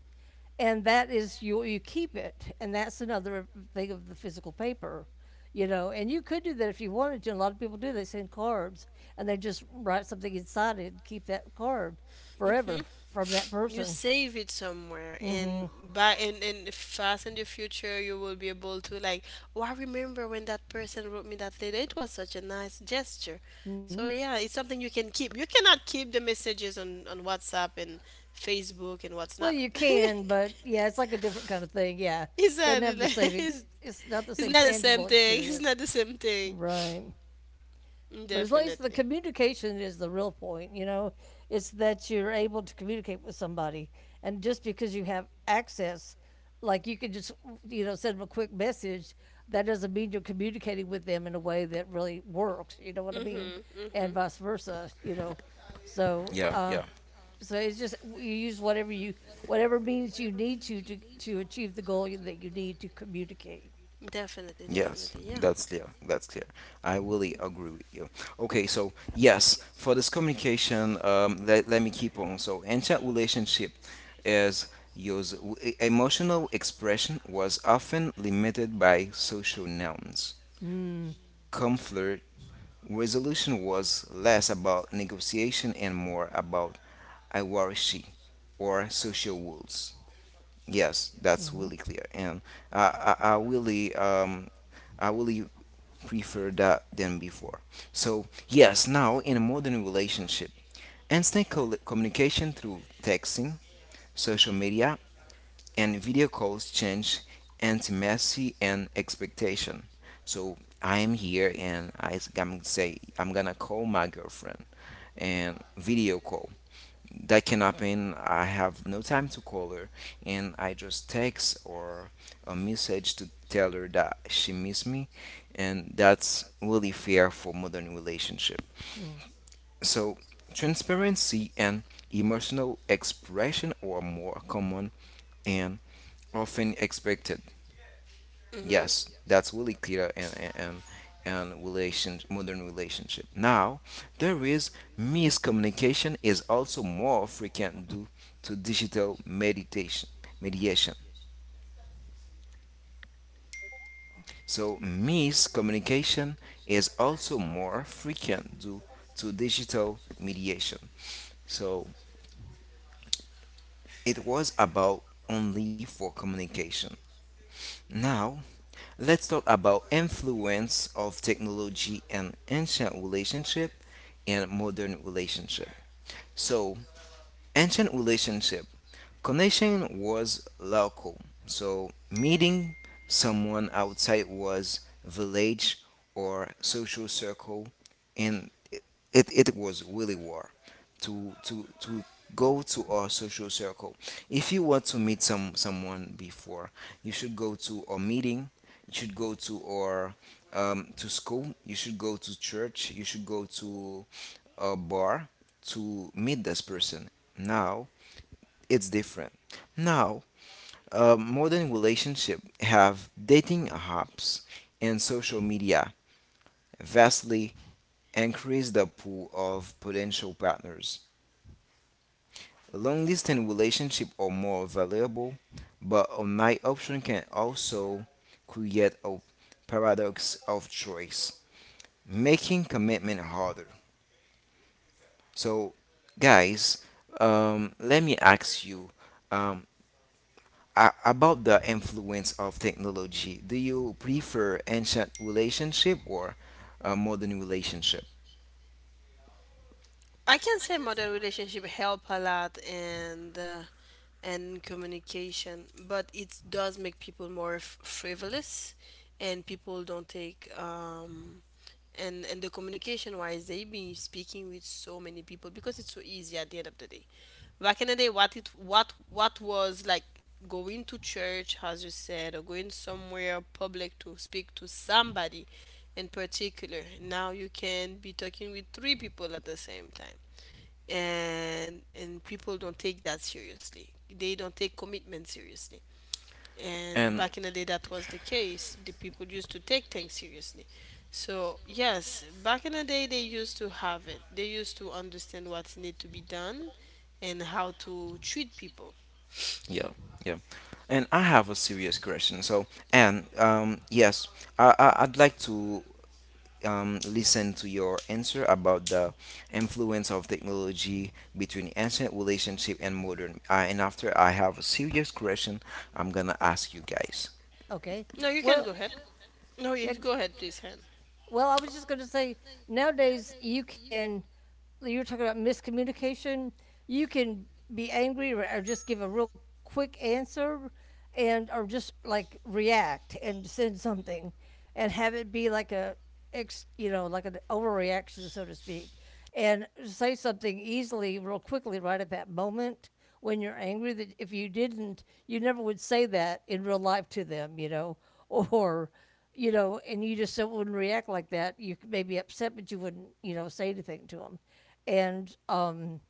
Speaker 2: and that is you keep it, and that's another thing of the physical paper, you know. And you could do that if you wanted to. A lot of people do. They send cards, and they just write something inside it and keep that card
Speaker 1: Mm-hmm.
Speaker 2: forever from that
Speaker 1: You
Speaker 2: person.
Speaker 1: save it somewhere,
Speaker 2: Mm-hmm.
Speaker 1: and
Speaker 2: Mm
Speaker 1: by and fast in the future, you will be able to like. Oh, I remember when that person wrote me that letter. It was such a nice gesture.
Speaker 2: hmm.
Speaker 1: So yeah, it's something you can keep. You cannot keep the messages on WhatsApp and Facebook and what's
Speaker 2: Well,
Speaker 1: not.
Speaker 2: you can, but yeah, it's like a different kind of thing. Yeah,
Speaker 1: It's not
Speaker 2: doesn't have the same. It's not the
Speaker 1: it's
Speaker 2: same
Speaker 1: not the same
Speaker 2: tangible
Speaker 1: thing. It's
Speaker 2: experience.
Speaker 1: not the same thing.
Speaker 2: Right. But as long as the
Speaker 1: Definitely.
Speaker 2: communication is the real point, you know, it's that you're able to communicate with somebody. And just because you have access, like you could just, you know, send them a quick message, that doesn't mean you're communicating with them in a way that really works. You know what I mean?
Speaker 1: Mhm.
Speaker 2: And
Speaker 1: Mhm.
Speaker 2: vice versa, you know. So,
Speaker 3: yeah.
Speaker 2: um,
Speaker 3: yeah,
Speaker 2: so it's just you use whatever you whatever means you need to achieve the goal that you need to communicate.
Speaker 1: Definitely,
Speaker 3: Yes,
Speaker 1: definitely, yeah.
Speaker 3: that's clear. That's clear. I really agree with you. Okay, so yes, for this communication, let me keep on. So, ancient relationship is used. Emotional expression was often limited by social norms.
Speaker 2: Mm.
Speaker 3: Conflict resolution was less about negotiation and more about hierarchy or social rules. Yes, that's
Speaker 2: Mm-hmm.
Speaker 3: really clear, and I, I, I really um, I really prefer that than before. So, yes, now in a modern relationship, instant communication through texting, social media, and video calls change intimacy and expectation. So, I am here and I'm gonna call my girlfriend and video call that cannot mean I have no time to call her, and I just text or a message to tell her that she missed me, and that's really fair for modern relationship.
Speaker 2: Mm.
Speaker 3: So transparency and emotional expression are more common and often expected.
Speaker 1: Mhm.
Speaker 3: Yes, that's really clear and relation modern relationship. Now, there is miscommunication is also more frequent due to digital meditation mediation. So miscommunication is also more frequent due to digital mediation. So it was about only for communication. Now, let's talk about influence of technology and ancient relationship and modern relationship. So ancient relationship connection was local, so meeting someone outside was village or social circle, and it was really war to go to our social circle. If you want to meet someone before, you should go to a meeting, you should go to or to school, you should go to church, you should go to a bar to meet this person. Now it's different. Now, modern relationship have dating apps and social media vastly increase the pool of potential partners. Long distance relationships are more valuable, but online option can also create a paradox of choice, making commitment harder. So, guys, let me ask you, um, about the influence of technology, do you prefer ancient relationship or modern relationship?
Speaker 1: I can say modern relationship help a lot and communication, but it does make people more frivolous, and people don't take and the communication wise they've been speaking with so many people because it's so easy at the end of the day. Back in the day, what it what was like going to church as you said, or going somewhere public to speak to somebody in particular? Now you can be talking with three people at the same time, and people don't take that seriously. They don't take commitment seriously. And
Speaker 3: And
Speaker 1: back in the day, that was the case. The people used to take things seriously. So yes, back in the day, they used to have it. They used to understand what need to be done and how to treat people.
Speaker 3: yeah, yeah. And I have a serious question. So, and yes, I'd like to listen to your answer about the influence of technology between ancient relationship and modern. And after I have a serious question, I'm gonna ask you guys.
Speaker 2: Okay.
Speaker 1: No, you can
Speaker 2: Well,
Speaker 1: go ahead. No,
Speaker 2: yeah.
Speaker 1: you go ahead please, hen.
Speaker 2: Well, I was just going to say nowadays you can, you're talking about miscommunication. You can be angry, or just give a real quick answer and, or just like react and send something and have it be like a, you know, like an overreaction, so to speak, and say something easily, real quickly, right at that moment when you're angry. That if you didn't, you never would say that in real life to them, you know, or, you know, and you just so wouldn't react like that. You may be upset, but you wouldn't, you know, say anything to them. And um,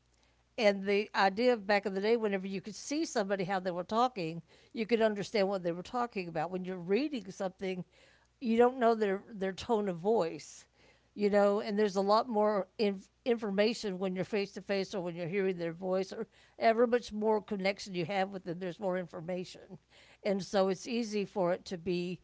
Speaker 2: and the idea of back in the day, whenever you could see somebody how they were talking, you could understand what they were talking about. When you're reading something, you don't know their tone of voice, you know. And there's a lot more information when you're face to face or when you're hearing their voice, or ever much more connection you have with them. There's more information, and so it's easy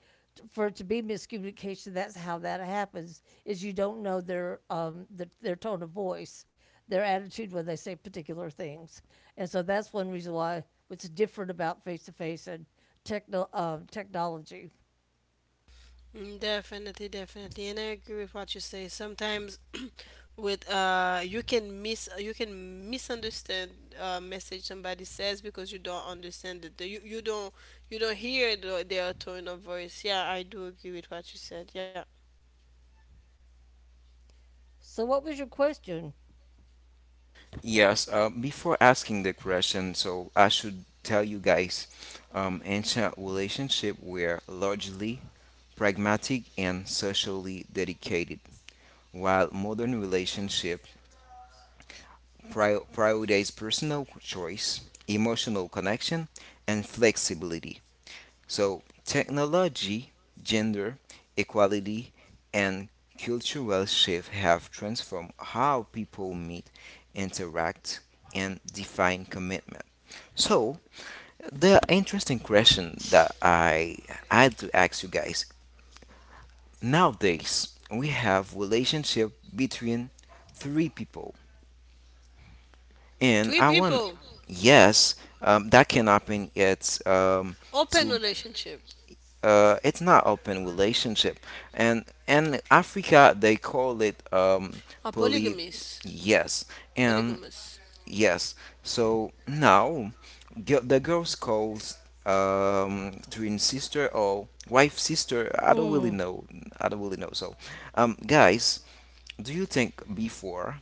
Speaker 2: for it to be miscommunication, that's how that happens. Is you don't know their their tone of voice, their attitude when they say particular things. And so that's one reason why what's different about face to face and technology.
Speaker 1: Mm, definitely, definitely, and I agree with what you say. Sometimes, with you can miss, you can misunderstand a message somebody says because you don't understand it. You don't, you don't hear the, their tone of voice. Yeah, I do agree with what you said. Yeah,
Speaker 2: So, what was your question?
Speaker 3: Yes, before asking the question, so I should tell you guys, ancient relationships were largely pragmatic and socially dedicated, while modern relationships prioritize personal choice, emotional connection, and flexibility. So, technology, gender equality, and cultural shift have transformed how people meet, interact, and define commitment. So, the interesting question that I had to ask you guys: nowadays, we have relationship between three people, and
Speaker 1: three
Speaker 3: I want
Speaker 1: people,
Speaker 3: yes, that can happen. It's
Speaker 1: open
Speaker 3: two
Speaker 1: relationship,
Speaker 3: it's not open relationship, and in Africa they call it
Speaker 1: a
Speaker 3: poly
Speaker 1: polygamous,
Speaker 3: yes and
Speaker 1: polygamous.
Speaker 3: yes. So now gi- the girls calls twin sister or wife sister, I don't really
Speaker 2: Mm.
Speaker 3: know, I don't really know. So guys, do you think before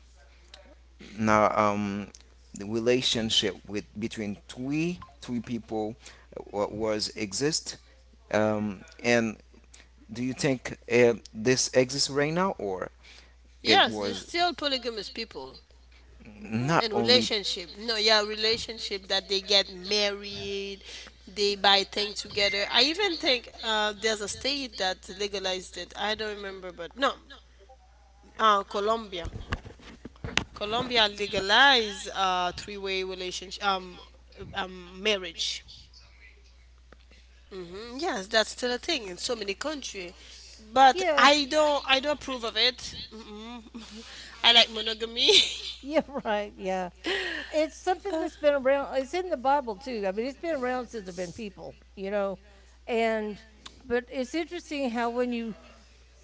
Speaker 3: now the relationship with between three people wa- was exist, and do you think this exists right now, or it
Speaker 1: Yes, there's
Speaker 3: was
Speaker 1: still polygamous people.
Speaker 2: Hmm.
Speaker 3: not
Speaker 1: And
Speaker 3: only?
Speaker 1: relationship, no, yeah, relationship that they get married, they buy things together. I even think there's a state that legalized it. I don't remember, but no, Colombia, Colombia legalized three-way relationship, marriage. Hmm. Yes, that's still a thing in so many country, but
Speaker 2: Yeah,
Speaker 1: I don't approve of it. Mm-mm. I like monogamy.
Speaker 2: yeah, right, yeah. It's something that's been around. It's in the Bible too. I mean, it's been around since there've been people, you know. And but it's interesting how when you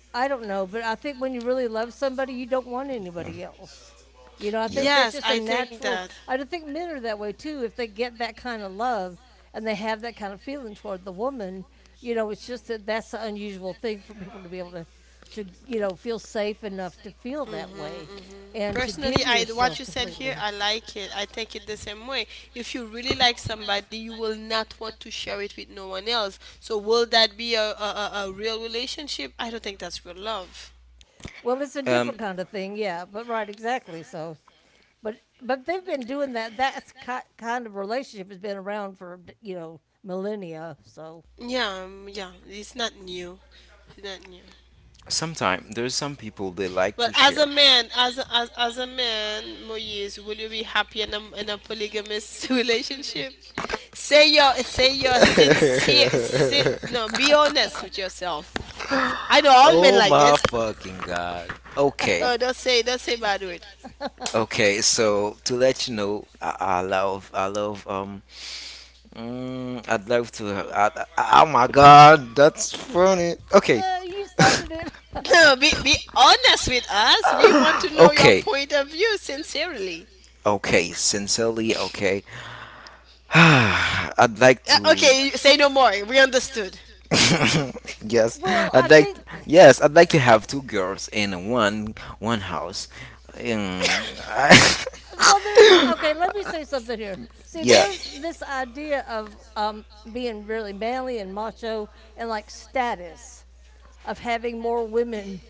Speaker 2: I don't know, but I think when you really love somebody, you don't want anybody else. You know, I
Speaker 3: Yeah.
Speaker 2: think that's
Speaker 1: Yes,
Speaker 2: just a
Speaker 1: I think
Speaker 2: natural.
Speaker 1: that.
Speaker 2: I don't think men are that way too. If they get that kind of love and they have that kind of feeling toward the woman, you know, it's just that that's an unusual thing for people to be able to you know, feel safe enough to feel that
Speaker 1: Mm-hmm,
Speaker 2: way,
Speaker 1: mm-hmm.
Speaker 3: Yeah.
Speaker 2: and to
Speaker 1: Personally,
Speaker 2: give
Speaker 1: I what
Speaker 2: yourself
Speaker 1: you said here,
Speaker 2: completely.
Speaker 1: I like it. I think it the same way. If you really like somebody, you will not want to share it with no one else. So will that be a real relationship? I don't think that's real love.
Speaker 2: Well, it's a
Speaker 3: Um,
Speaker 2: different kind of thing, yeah. But right, exactly. So but they've been doing that. That kind of relationship has been around for you know millennia. So
Speaker 1: Yeah, yeah, it's not new. It's not new.
Speaker 3: sometimes there's some people they like
Speaker 1: But
Speaker 3: to
Speaker 1: as a
Speaker 3: share.
Speaker 1: man, as a man, Moise, will you be happy in a polygamous relationship? Say your sincere, no, be honest with yourself. I know all men
Speaker 3: Oh
Speaker 1: like
Speaker 3: my
Speaker 1: this.
Speaker 3: fucking god. Okay.
Speaker 1: Oh, don't say, don't say bad word.
Speaker 3: Okay, so to let you know, I love, mm, I'd love to, I, oh my god, that's funny. Okay,
Speaker 2: you started it.
Speaker 1: No, be honest with us. We want to know your
Speaker 3: okay,
Speaker 1: point of view sincerely.
Speaker 3: okay, sincerely, okay, I'd like to
Speaker 1: Okay, say no more. We understood.
Speaker 3: yes,
Speaker 2: well, I
Speaker 3: I'd like
Speaker 2: think.
Speaker 3: yes, I'd like to have two girls in one house. Um, I-
Speaker 2: Well, there's okay. Let me say something here.
Speaker 3: yeah.
Speaker 2: There's this idea of being really manly and macho and like status, of having more women.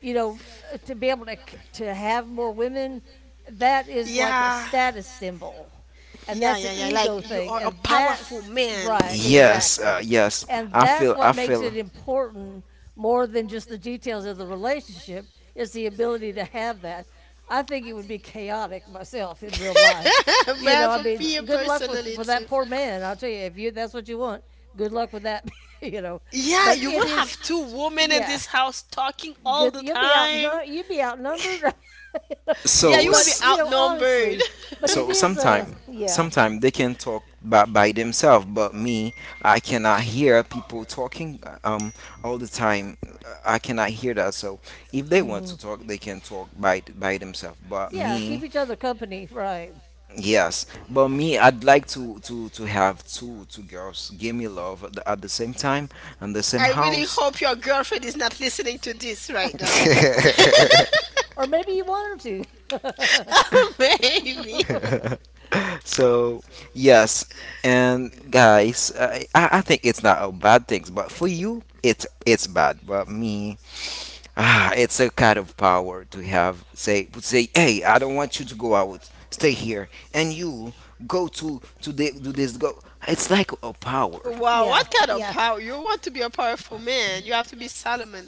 Speaker 2: You know, to be able to have more women, that is like a
Speaker 1: Yeah,
Speaker 2: status symbol. And
Speaker 1: yeah,
Speaker 2: that's an
Speaker 1: yeah, yeah. Like
Speaker 2: ego
Speaker 1: you
Speaker 2: thing.
Speaker 1: are a
Speaker 2: And
Speaker 1: powerful
Speaker 2: that's
Speaker 1: man.
Speaker 2: right,
Speaker 3: Yes,
Speaker 2: exactly.
Speaker 3: yes.
Speaker 2: And that's
Speaker 3: I
Speaker 2: what makes
Speaker 3: feel
Speaker 2: it important more than just the details of the relationship is the ability to have that. I think it would be chaotic myself in real life. You know,
Speaker 1: Bad
Speaker 2: I
Speaker 1: for
Speaker 2: mean,
Speaker 1: Pia
Speaker 2: good luck with
Speaker 1: personally
Speaker 2: for that
Speaker 1: too.
Speaker 2: poor man. I'll tell you, if you that's what you want, good luck with that. you know,
Speaker 1: Yeah,
Speaker 2: but
Speaker 1: you
Speaker 2: it
Speaker 1: will
Speaker 2: is,
Speaker 1: have two women in
Speaker 2: yeah,
Speaker 1: this house talking all
Speaker 2: good.
Speaker 1: the
Speaker 2: You'll be
Speaker 1: time.
Speaker 2: outnumbered. you will be outnumbered.
Speaker 1: Yeah,
Speaker 3: so
Speaker 1: you will
Speaker 2: but
Speaker 1: be
Speaker 2: you
Speaker 3: s-
Speaker 2: know,
Speaker 1: outnumbered.
Speaker 2: honestly, but it
Speaker 3: So
Speaker 2: is a
Speaker 3: sometime,
Speaker 2: yeah.
Speaker 3: sometime they can talk by themselves, but me, I cannot hear people talking all the time. I cannot hear that. So if they want
Speaker 2: Hmm.
Speaker 3: to talk, they can talk by themselves. But
Speaker 2: Yeah, keep
Speaker 3: me,
Speaker 2: each other company, right?
Speaker 3: yes, but me, I'd like to have two girls give me love at at the same time and the same
Speaker 1: I really
Speaker 3: house.
Speaker 1: hope your girlfriend is not listening to this right now.
Speaker 2: Or maybe you want her
Speaker 1: Oh, baby.
Speaker 2: to.
Speaker 3: So, yes, and guys, I think it's not a bad thing, but for you, it's bad. But me, ah, it's a kind of power to have. Say, would say, hey, I don't want you to go out. Stay here, and you go to the, do this. Go. It's like a power.
Speaker 1: Wow, what
Speaker 2: yeah,
Speaker 1: kind of
Speaker 2: yeah.
Speaker 1: power? You want to be a powerful man. You have to be Solomon.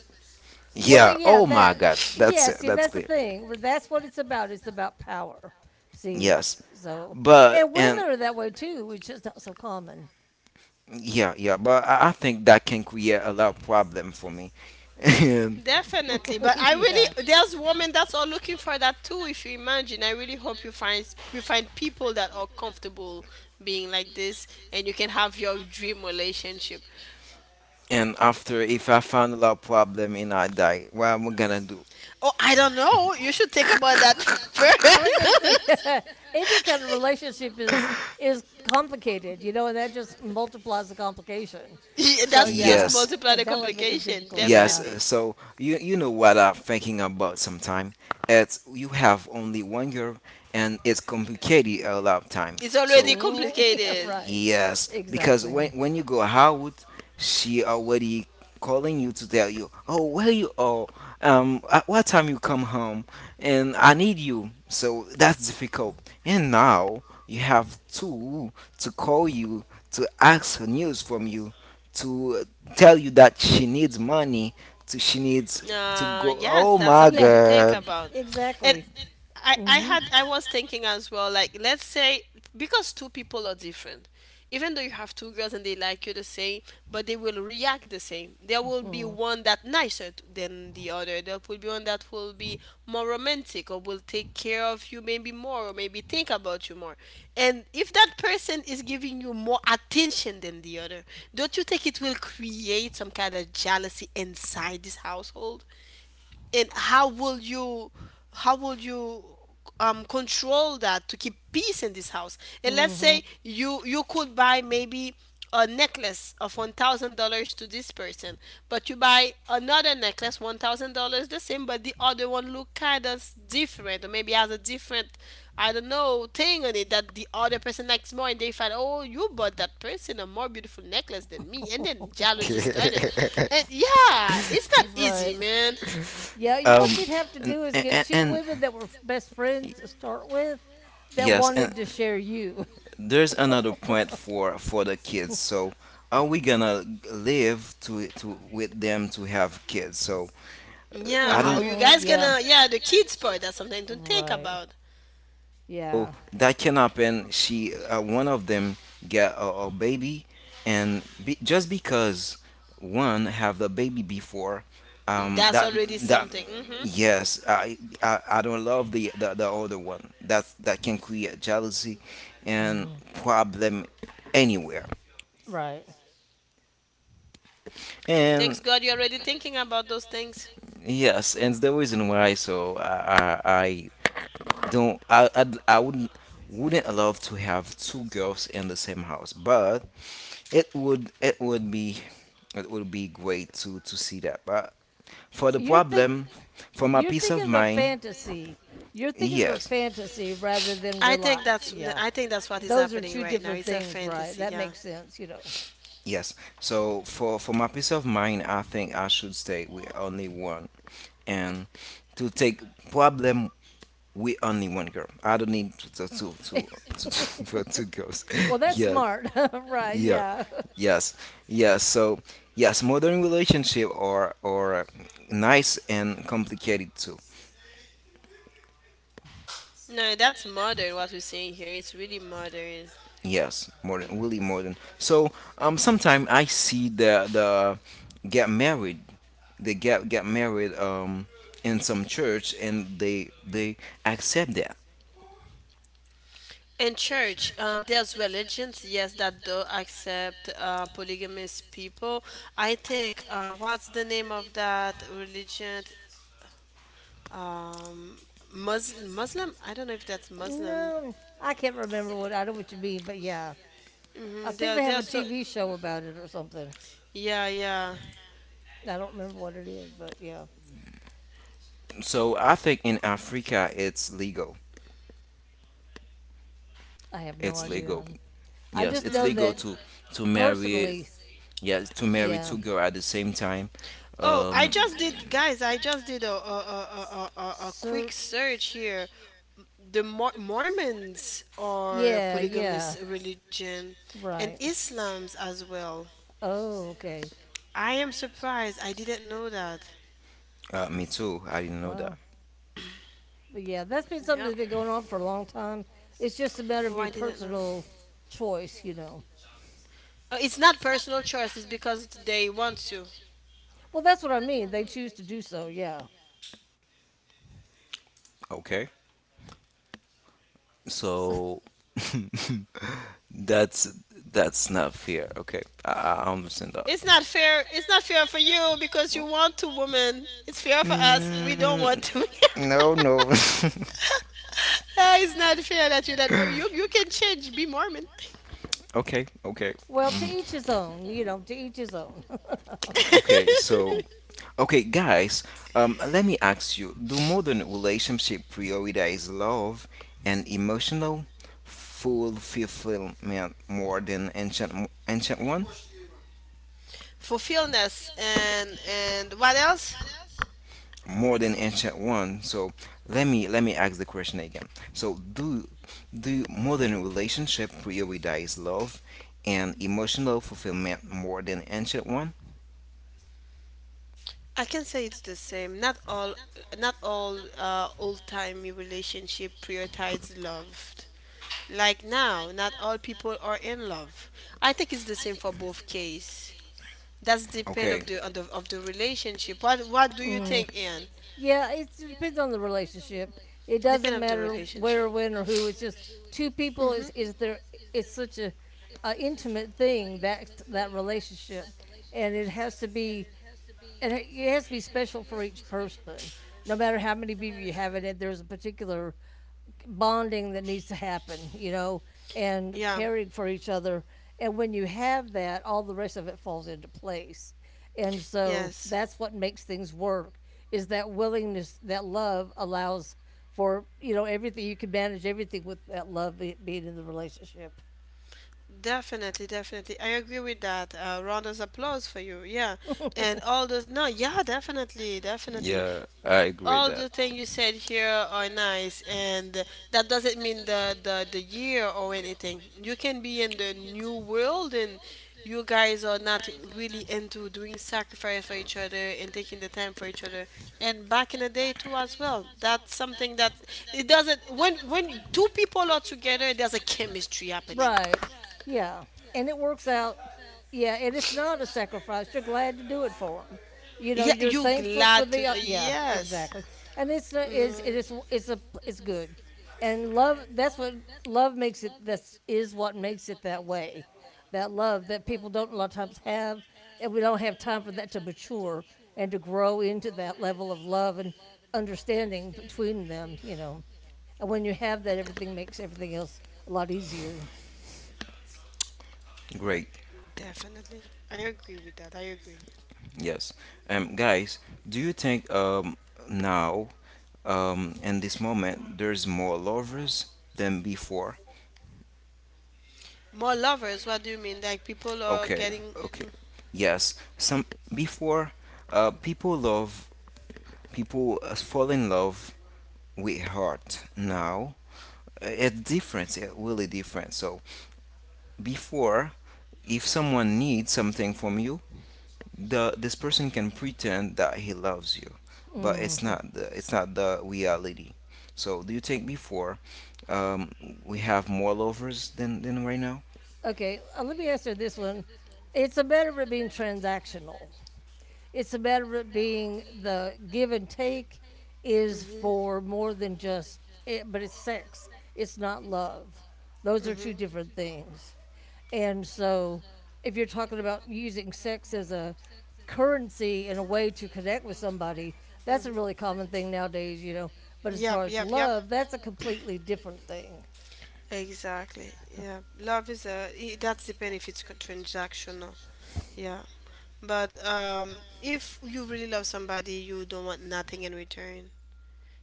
Speaker 2: Well, the,
Speaker 3: Yeah.
Speaker 2: yeah,
Speaker 3: Oh my
Speaker 2: that
Speaker 3: God. That's
Speaker 2: yeah.
Speaker 3: it.
Speaker 2: See,
Speaker 3: That's
Speaker 2: that's the
Speaker 3: clear.
Speaker 2: thing. That's what it's about. It's about power. See,
Speaker 3: Yes.
Speaker 2: so
Speaker 3: But
Speaker 2: and women
Speaker 3: and
Speaker 2: are that way too, which is not so common.
Speaker 3: yeah, yeah. But I think that can create a lot of problem for me. And.
Speaker 1: Definitely. But I really,
Speaker 2: yeah.
Speaker 1: there's women that's all looking for that too, if you imagine. I really hope you find, you find people that are comfortable being like this, and you can have your dream relationship.
Speaker 3: And after, if I found a lot problem and I die, what am I gonna do?
Speaker 1: Oh, I don't know. You should think about that first.
Speaker 2: I was going to say any kind of relationship is complicated, you know, and that just multiplies the complication.
Speaker 1: Yeah,
Speaker 2: So
Speaker 1: that's just
Speaker 2: yeah,
Speaker 3: Yes,
Speaker 1: multiply
Speaker 2: and
Speaker 1: the
Speaker 2: that would make it
Speaker 1: complication,
Speaker 2: difficult.
Speaker 3: yes.
Speaker 2: Yeah,
Speaker 1: definitely.
Speaker 3: So you know what I'm thinking about sometime. It's you have only one year, and it's complicated a lot of time.
Speaker 1: It's
Speaker 3: So
Speaker 1: already
Speaker 2: mm, yeah,
Speaker 1: complicated.
Speaker 2: right.
Speaker 3: yes, because
Speaker 2: Exactly.
Speaker 3: when you go out, she already calling you to tell you, oh, where you are, at what time you come home, and I need you. So that's difficult. And now you have two to call you, to ask her news from you, to tell you that she needs money, to she needs to go.
Speaker 1: Yes,
Speaker 3: Oh
Speaker 1: that's
Speaker 3: my
Speaker 1: something
Speaker 2: Yeah,
Speaker 1: to think
Speaker 3: God.
Speaker 1: about. And
Speaker 2: exactly.
Speaker 1: I
Speaker 2: Mm-hmm.
Speaker 1: had, I was thinking as well, like let's say because two people are different. Even though you have two girls and they like you the same, but they will react the same. There will be one that nicer than the other. There will be one that will be more romantic or will take care of you maybe more, or maybe think about you more. And if that person is giving you more attention than the other, don't you think it will create some kind of jealousy inside this household? And how will you, how will you control that to keep peace in this house? And let's
Speaker 2: Hmm.
Speaker 1: say you could buy maybe a necklace of $1000 to this person, but you buy another necklace $1000 the same, but the other one look kind of different, or maybe has a different, I don't know, thing on it that the other person likes more, and they find, oh, you bought that person a more beautiful necklace than me, and then jealousy started. And yeah, it's not easy,
Speaker 2: Right.
Speaker 1: man.
Speaker 2: Yeah, you, what
Speaker 3: Um,
Speaker 2: you'd have to
Speaker 3: and
Speaker 2: do is get
Speaker 3: and,
Speaker 2: two
Speaker 3: and
Speaker 2: women that were best friends to start with that
Speaker 3: yes, and
Speaker 2: wanted to share you.
Speaker 3: there's another point for the kids. So are we gonna live to with them to have kids? So
Speaker 1: Yeah,
Speaker 3: I
Speaker 1: how
Speaker 3: don't.
Speaker 1: you
Speaker 2: Mhm.
Speaker 1: guys
Speaker 2: Yeah.
Speaker 1: gonna? Yeah, the kids part, that's something to think
Speaker 2: Right.
Speaker 1: about.
Speaker 3: So
Speaker 2: Yeah.
Speaker 3: that can happen. She one of them get a baby, and be, just because one have the baby before,
Speaker 1: That's
Speaker 3: that
Speaker 1: already
Speaker 3: that
Speaker 1: something. Hmm.
Speaker 3: yes, I don't love the other one. That that can create jealousy and
Speaker 2: Hmm.
Speaker 3: problem anywhere.
Speaker 2: Right.
Speaker 1: Thanks
Speaker 3: And
Speaker 1: God, you're already thinking about those things.
Speaker 3: yes, and the reason why so I don't I wouldn't love to have two girls in the same house, but it would it would be it would be great to see that. But for the
Speaker 2: You're think
Speaker 3: problem, for my
Speaker 2: you're
Speaker 3: peace
Speaker 2: thinking
Speaker 3: of
Speaker 2: of a
Speaker 3: mind,
Speaker 2: fantasy. You're thinking of a
Speaker 3: yes,
Speaker 2: fantasy rather than real life. Yeah.
Speaker 1: I think that's what is
Speaker 2: Those are
Speaker 1: happening
Speaker 2: two
Speaker 1: right now.
Speaker 2: different
Speaker 1: It's a
Speaker 2: things, right?
Speaker 1: fantasy.
Speaker 2: That
Speaker 1: Yeah.
Speaker 2: makes sense, you know.
Speaker 3: yes. So for my peace of mind, I think I should stay with only one, and to take problem with only one girl. I don't need to, for two girls.
Speaker 2: Well, that's
Speaker 3: Yeah.
Speaker 2: smart, right?
Speaker 3: Yeah.
Speaker 2: Yeah.
Speaker 3: Yes. Yes. So yes, modern relationship are nice and complicated too.
Speaker 1: No, that's modern. What we're saying here, it's really modern.
Speaker 3: Yes, modern, really modern. So sometimes I see the get married, they get married in some church and they accept that.
Speaker 1: In church, there's religions, yes, that do accept polygamous people. I think, what's the name of that religion? Um, Muslim, Muslim? I don't know if that's Muslim.
Speaker 2: No, I can't remember what I know what you mean, but yeah, I
Speaker 1: Mm-hmm.
Speaker 2: think
Speaker 1: They're
Speaker 2: they have
Speaker 1: they're
Speaker 2: a
Speaker 1: so
Speaker 2: TV show about it or something.
Speaker 1: yeah, yeah.
Speaker 2: I don't remember what it is, but yeah,
Speaker 3: So I think in Africa it's legal.
Speaker 2: I have no
Speaker 3: It's legal.
Speaker 2: idea. I
Speaker 3: Yes,
Speaker 2: just
Speaker 3: it's
Speaker 2: know
Speaker 1: Mm-hmm.
Speaker 3: legal
Speaker 2: that
Speaker 3: to marry.
Speaker 2: personally,
Speaker 3: Yes, to marry two
Speaker 2: yeah,
Speaker 3: girls at the same time.
Speaker 1: Oh, I
Speaker 3: Um,
Speaker 1: just did, guys. I just did a quick
Speaker 2: search,
Speaker 1: search here. The Mormons are a
Speaker 2: yeah, yeah,
Speaker 1: polygamous religion, and
Speaker 2: right.
Speaker 1: Islam's as well.
Speaker 2: Oh, okay,
Speaker 1: I am surprised. I didn't know that.
Speaker 3: me too. I didn't know
Speaker 2: wow,
Speaker 3: that.
Speaker 2: but yeah, that's been something
Speaker 1: Yep.
Speaker 2: that's been going on for a long time. It's just a matter
Speaker 1: Oh,
Speaker 2: of your
Speaker 1: I didn't know.
Speaker 2: personal choice, you know.
Speaker 1: It's not personal choice. It's because they want to.
Speaker 2: Well, that's what I mean. They choose to do so, yeah.
Speaker 3: Okay,
Speaker 2: So,
Speaker 3: so that's that's not fair. Okay, I understand that.
Speaker 1: It's not fair. It's not fair for you because you want to, woman. It's fair for us. We don't want
Speaker 3: Mm,
Speaker 1: to.
Speaker 3: no, no.
Speaker 1: Ah, it's not fair that you, that oh you, you can change, be Mormon.
Speaker 3: okay, okay,
Speaker 2: well, to each his own, you know, to each his own.
Speaker 3: okay. So. Okay, guys, let me ask you, do modern relationship prioritize love and emotional fulfillment more than ancient one?
Speaker 1: Fulfillness and what else?
Speaker 3: More than ancient one. So let me ask the question again. So do do modern relationship prioritize love and emotional fulfillment more than ancient one?
Speaker 1: I can say it's the same. Not all old timey relationship prioritize love. Like now, not all people are in love. I think it's the same for both case. That's depend
Speaker 3: Okay.
Speaker 1: of the relationship. What do you
Speaker 2: mm.
Speaker 1: think, Ian?
Speaker 2: Yeah, it depends on the relationship. It
Speaker 1: Depend
Speaker 2: doesn't
Speaker 1: of the
Speaker 2: matter where,
Speaker 1: relationship.
Speaker 2: when, or who. It's just two people
Speaker 1: Mm-hmm.
Speaker 2: is there. It's such a intimate thing that that relationship, and it has to be and it has to be special for each person. No matter how many people you have in it, there's a particular bonding that needs to happen, you know, and
Speaker 1: Yeah.
Speaker 2: caring for each other. And when you have that, all the rest of it falls into place. And so
Speaker 1: Yes.
Speaker 2: that's what makes things work is that willingness, that love allows for, you know, everything. You can manage everything with that love being in the relationship.
Speaker 1: Definitely, definitely. I agree with that. Round of applause for you. Yeah. And all those, no, yeah, definitely, definitely.
Speaker 3: Yeah, I agree with
Speaker 1: All
Speaker 3: that.
Speaker 1: the things you said here are nice. And that doesn't mean the, the year or anything. You can be in the new world, and you guys are not really into doing sacrifice for each other and taking the time for each other. And back in the day too as well. That's something that it doesn't, when two people are together, there's a chemistry happening.
Speaker 2: Right. Yeah. And it works out. Yeah. And it's not a sacrifice. You're glad to do it for them. You know,
Speaker 1: Yeah,
Speaker 2: you're
Speaker 1: you
Speaker 2: thankful for
Speaker 1: glad to,
Speaker 2: the. Yeah.
Speaker 1: yes.
Speaker 2: Exactly. And it's not. It's it
Speaker 1: Hmm.
Speaker 2: is. It's a. It's good. And love. That's what love makes it. This is what makes it that way. That love that people don't a lot of times have, and we don't have time for that to mature and to grow into that level of love and understanding between them. You know, and when you have that, everything makes everything else a lot easier.
Speaker 3: Great.
Speaker 1: Definitely. I agree with that. I agree.
Speaker 3: Yes. Guys, do you think now, in this moment, there's more lovers than before?
Speaker 1: More lovers, what do you mean? Like people are
Speaker 3: Okay,
Speaker 1: getting.
Speaker 3: okay. Yes. Some before, people love people fall in love with heart. Now, it's different. It's really different. So before, if someone needs something from you, the this person can pretend that he loves you, but
Speaker 2: Mhm.
Speaker 3: it's not the reality. So do you think before um, we have more lovers than right now?
Speaker 2: Okay, let me answer this one. It's a matter of being transactional. It's a matter of being the give and take is
Speaker 1: Mhm.
Speaker 2: for more than just it, but it's sex. It's not love. Those are two
Speaker 1: Mhm.
Speaker 2: different things. And so, if you're talking about using sex as a currency and a way to connect with somebody, that's a
Speaker 1: Mhm.
Speaker 2: really common thing nowadays, you know. But as
Speaker 1: Yep,
Speaker 2: far as
Speaker 1: yep, yep.
Speaker 2: love, that's a completely different thing,
Speaker 1: Exactly. Yeah. Love is a that's depend if it's transactional. Yeah. But um, if you really love somebody, you don't want nothing in return.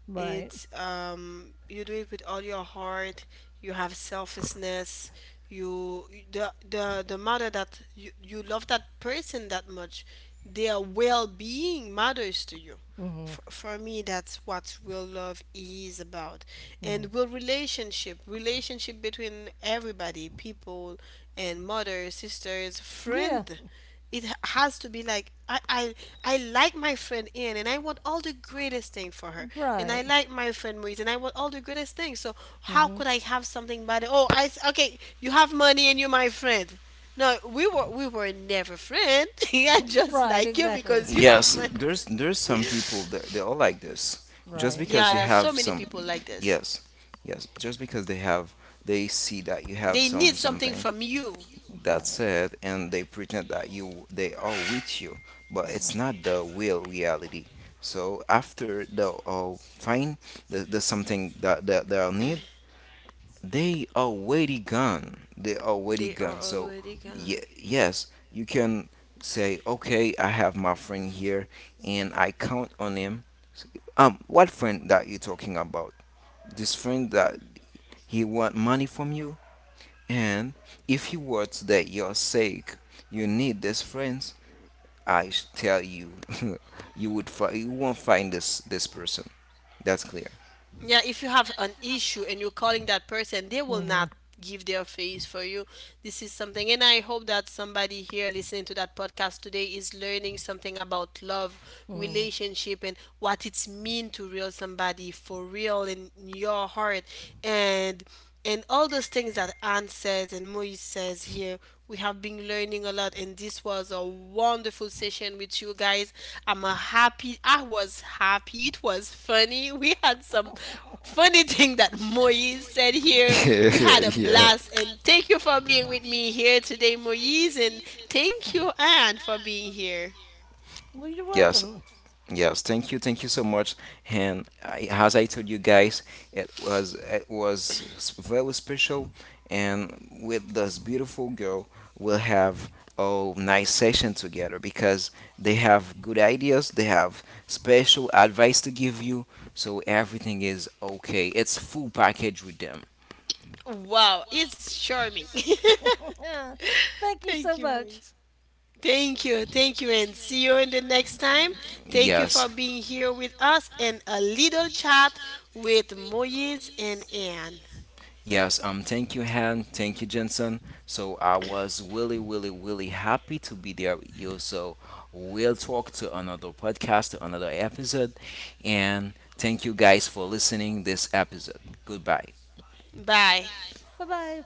Speaker 2: right?
Speaker 1: It's you do it with all your heart. You have selflessness. You, the matter that you love that person that much. Their well being matters to you.
Speaker 2: Mm-hmm.
Speaker 1: For me, that's what real love is about.
Speaker 2: Hmm.
Speaker 1: And real relationship, relationship between everybody, people, and mother, sisters,
Speaker 2: Yeah.
Speaker 1: friend, it has to be like I like my friend Anne, and I want all the greatest thing for her, and I
Speaker 2: Right.
Speaker 1: like my friend Maurice, and I want all the greatest thing. So
Speaker 2: Mm.
Speaker 1: how
Speaker 2: Mhm.
Speaker 1: could I have something bad? Oh, I okay, you have money and you're my friend. No, we were never friend. I just
Speaker 2: Right,
Speaker 1: like you
Speaker 2: exactly.
Speaker 1: because you have
Speaker 3: Yes,
Speaker 1: money.
Speaker 3: there's some people that they all like this just
Speaker 2: Right.
Speaker 1: Yeah,
Speaker 3: because you
Speaker 1: there are
Speaker 3: have
Speaker 1: so many
Speaker 3: some.
Speaker 1: people like this.
Speaker 3: Yes, yes, just because they have, they see that you have
Speaker 1: They need
Speaker 3: some
Speaker 1: something
Speaker 3: something
Speaker 1: from you.
Speaker 3: that
Speaker 2: Right.
Speaker 3: said, and they pretend that you they are with you, but it's
Speaker 2: Mhm.
Speaker 3: not the real reality. So after the oh fine, the something that that they'll need, they are already gone. They are
Speaker 1: They
Speaker 3: already
Speaker 1: are
Speaker 3: gone. So
Speaker 1: already gone.
Speaker 3: ye- yes, you can say okay, I have my friend here, and I count on him. What friend that you talking about? This friend that he want money from you? And if you were today your sake, you need these friends. I sh- tell you, you would fi- you won't find this person. That's clear.
Speaker 1: Yeah, if you have an issue and you're calling that person, they will not
Speaker 2: Mhm.
Speaker 1: give their face for you. This is something, and I hope that somebody here listening to that podcast today is learning something about love,
Speaker 2: Mhm.
Speaker 1: relationship, and what it's mean to real somebody for real in your heart, and and all those things that Anne says and Moise says here. We have been learning a lot, and this was a wonderful session with you guys. I'm a happy. I was happy. It was funny. We had some funny thing that Moise said here. We had a
Speaker 3: yeah.
Speaker 1: blast, and thank you for being with me here today, Moise, and thank you, Anne, for being here.
Speaker 2: well, you're
Speaker 3: Yes,
Speaker 2: welcome.
Speaker 3: yes, thank you so much. And I, as I told you guys, it was s- very special. And with this beautiful girl, we'll have a nice session together because they have good ideas, they have special advice to give you, so everything is okay. It's full package with them.
Speaker 1: Wow, it's charming.
Speaker 2: Thank you
Speaker 1: Thank
Speaker 2: so
Speaker 1: you,
Speaker 2: much.
Speaker 1: Moise. Thank you. Thank you. And see you in the next time. Thank you
Speaker 3: Yes.
Speaker 1: for being here with us and a little chat with Moyes and Anne.
Speaker 3: Yes, thank you, Han. Thank you, Jensen. So I was really, really, really happy to be there with you. So we'll talk to another podcast, to another episode. And thank you guys for listening this episode. Goodbye.
Speaker 1: Bye.
Speaker 2: Bye-bye.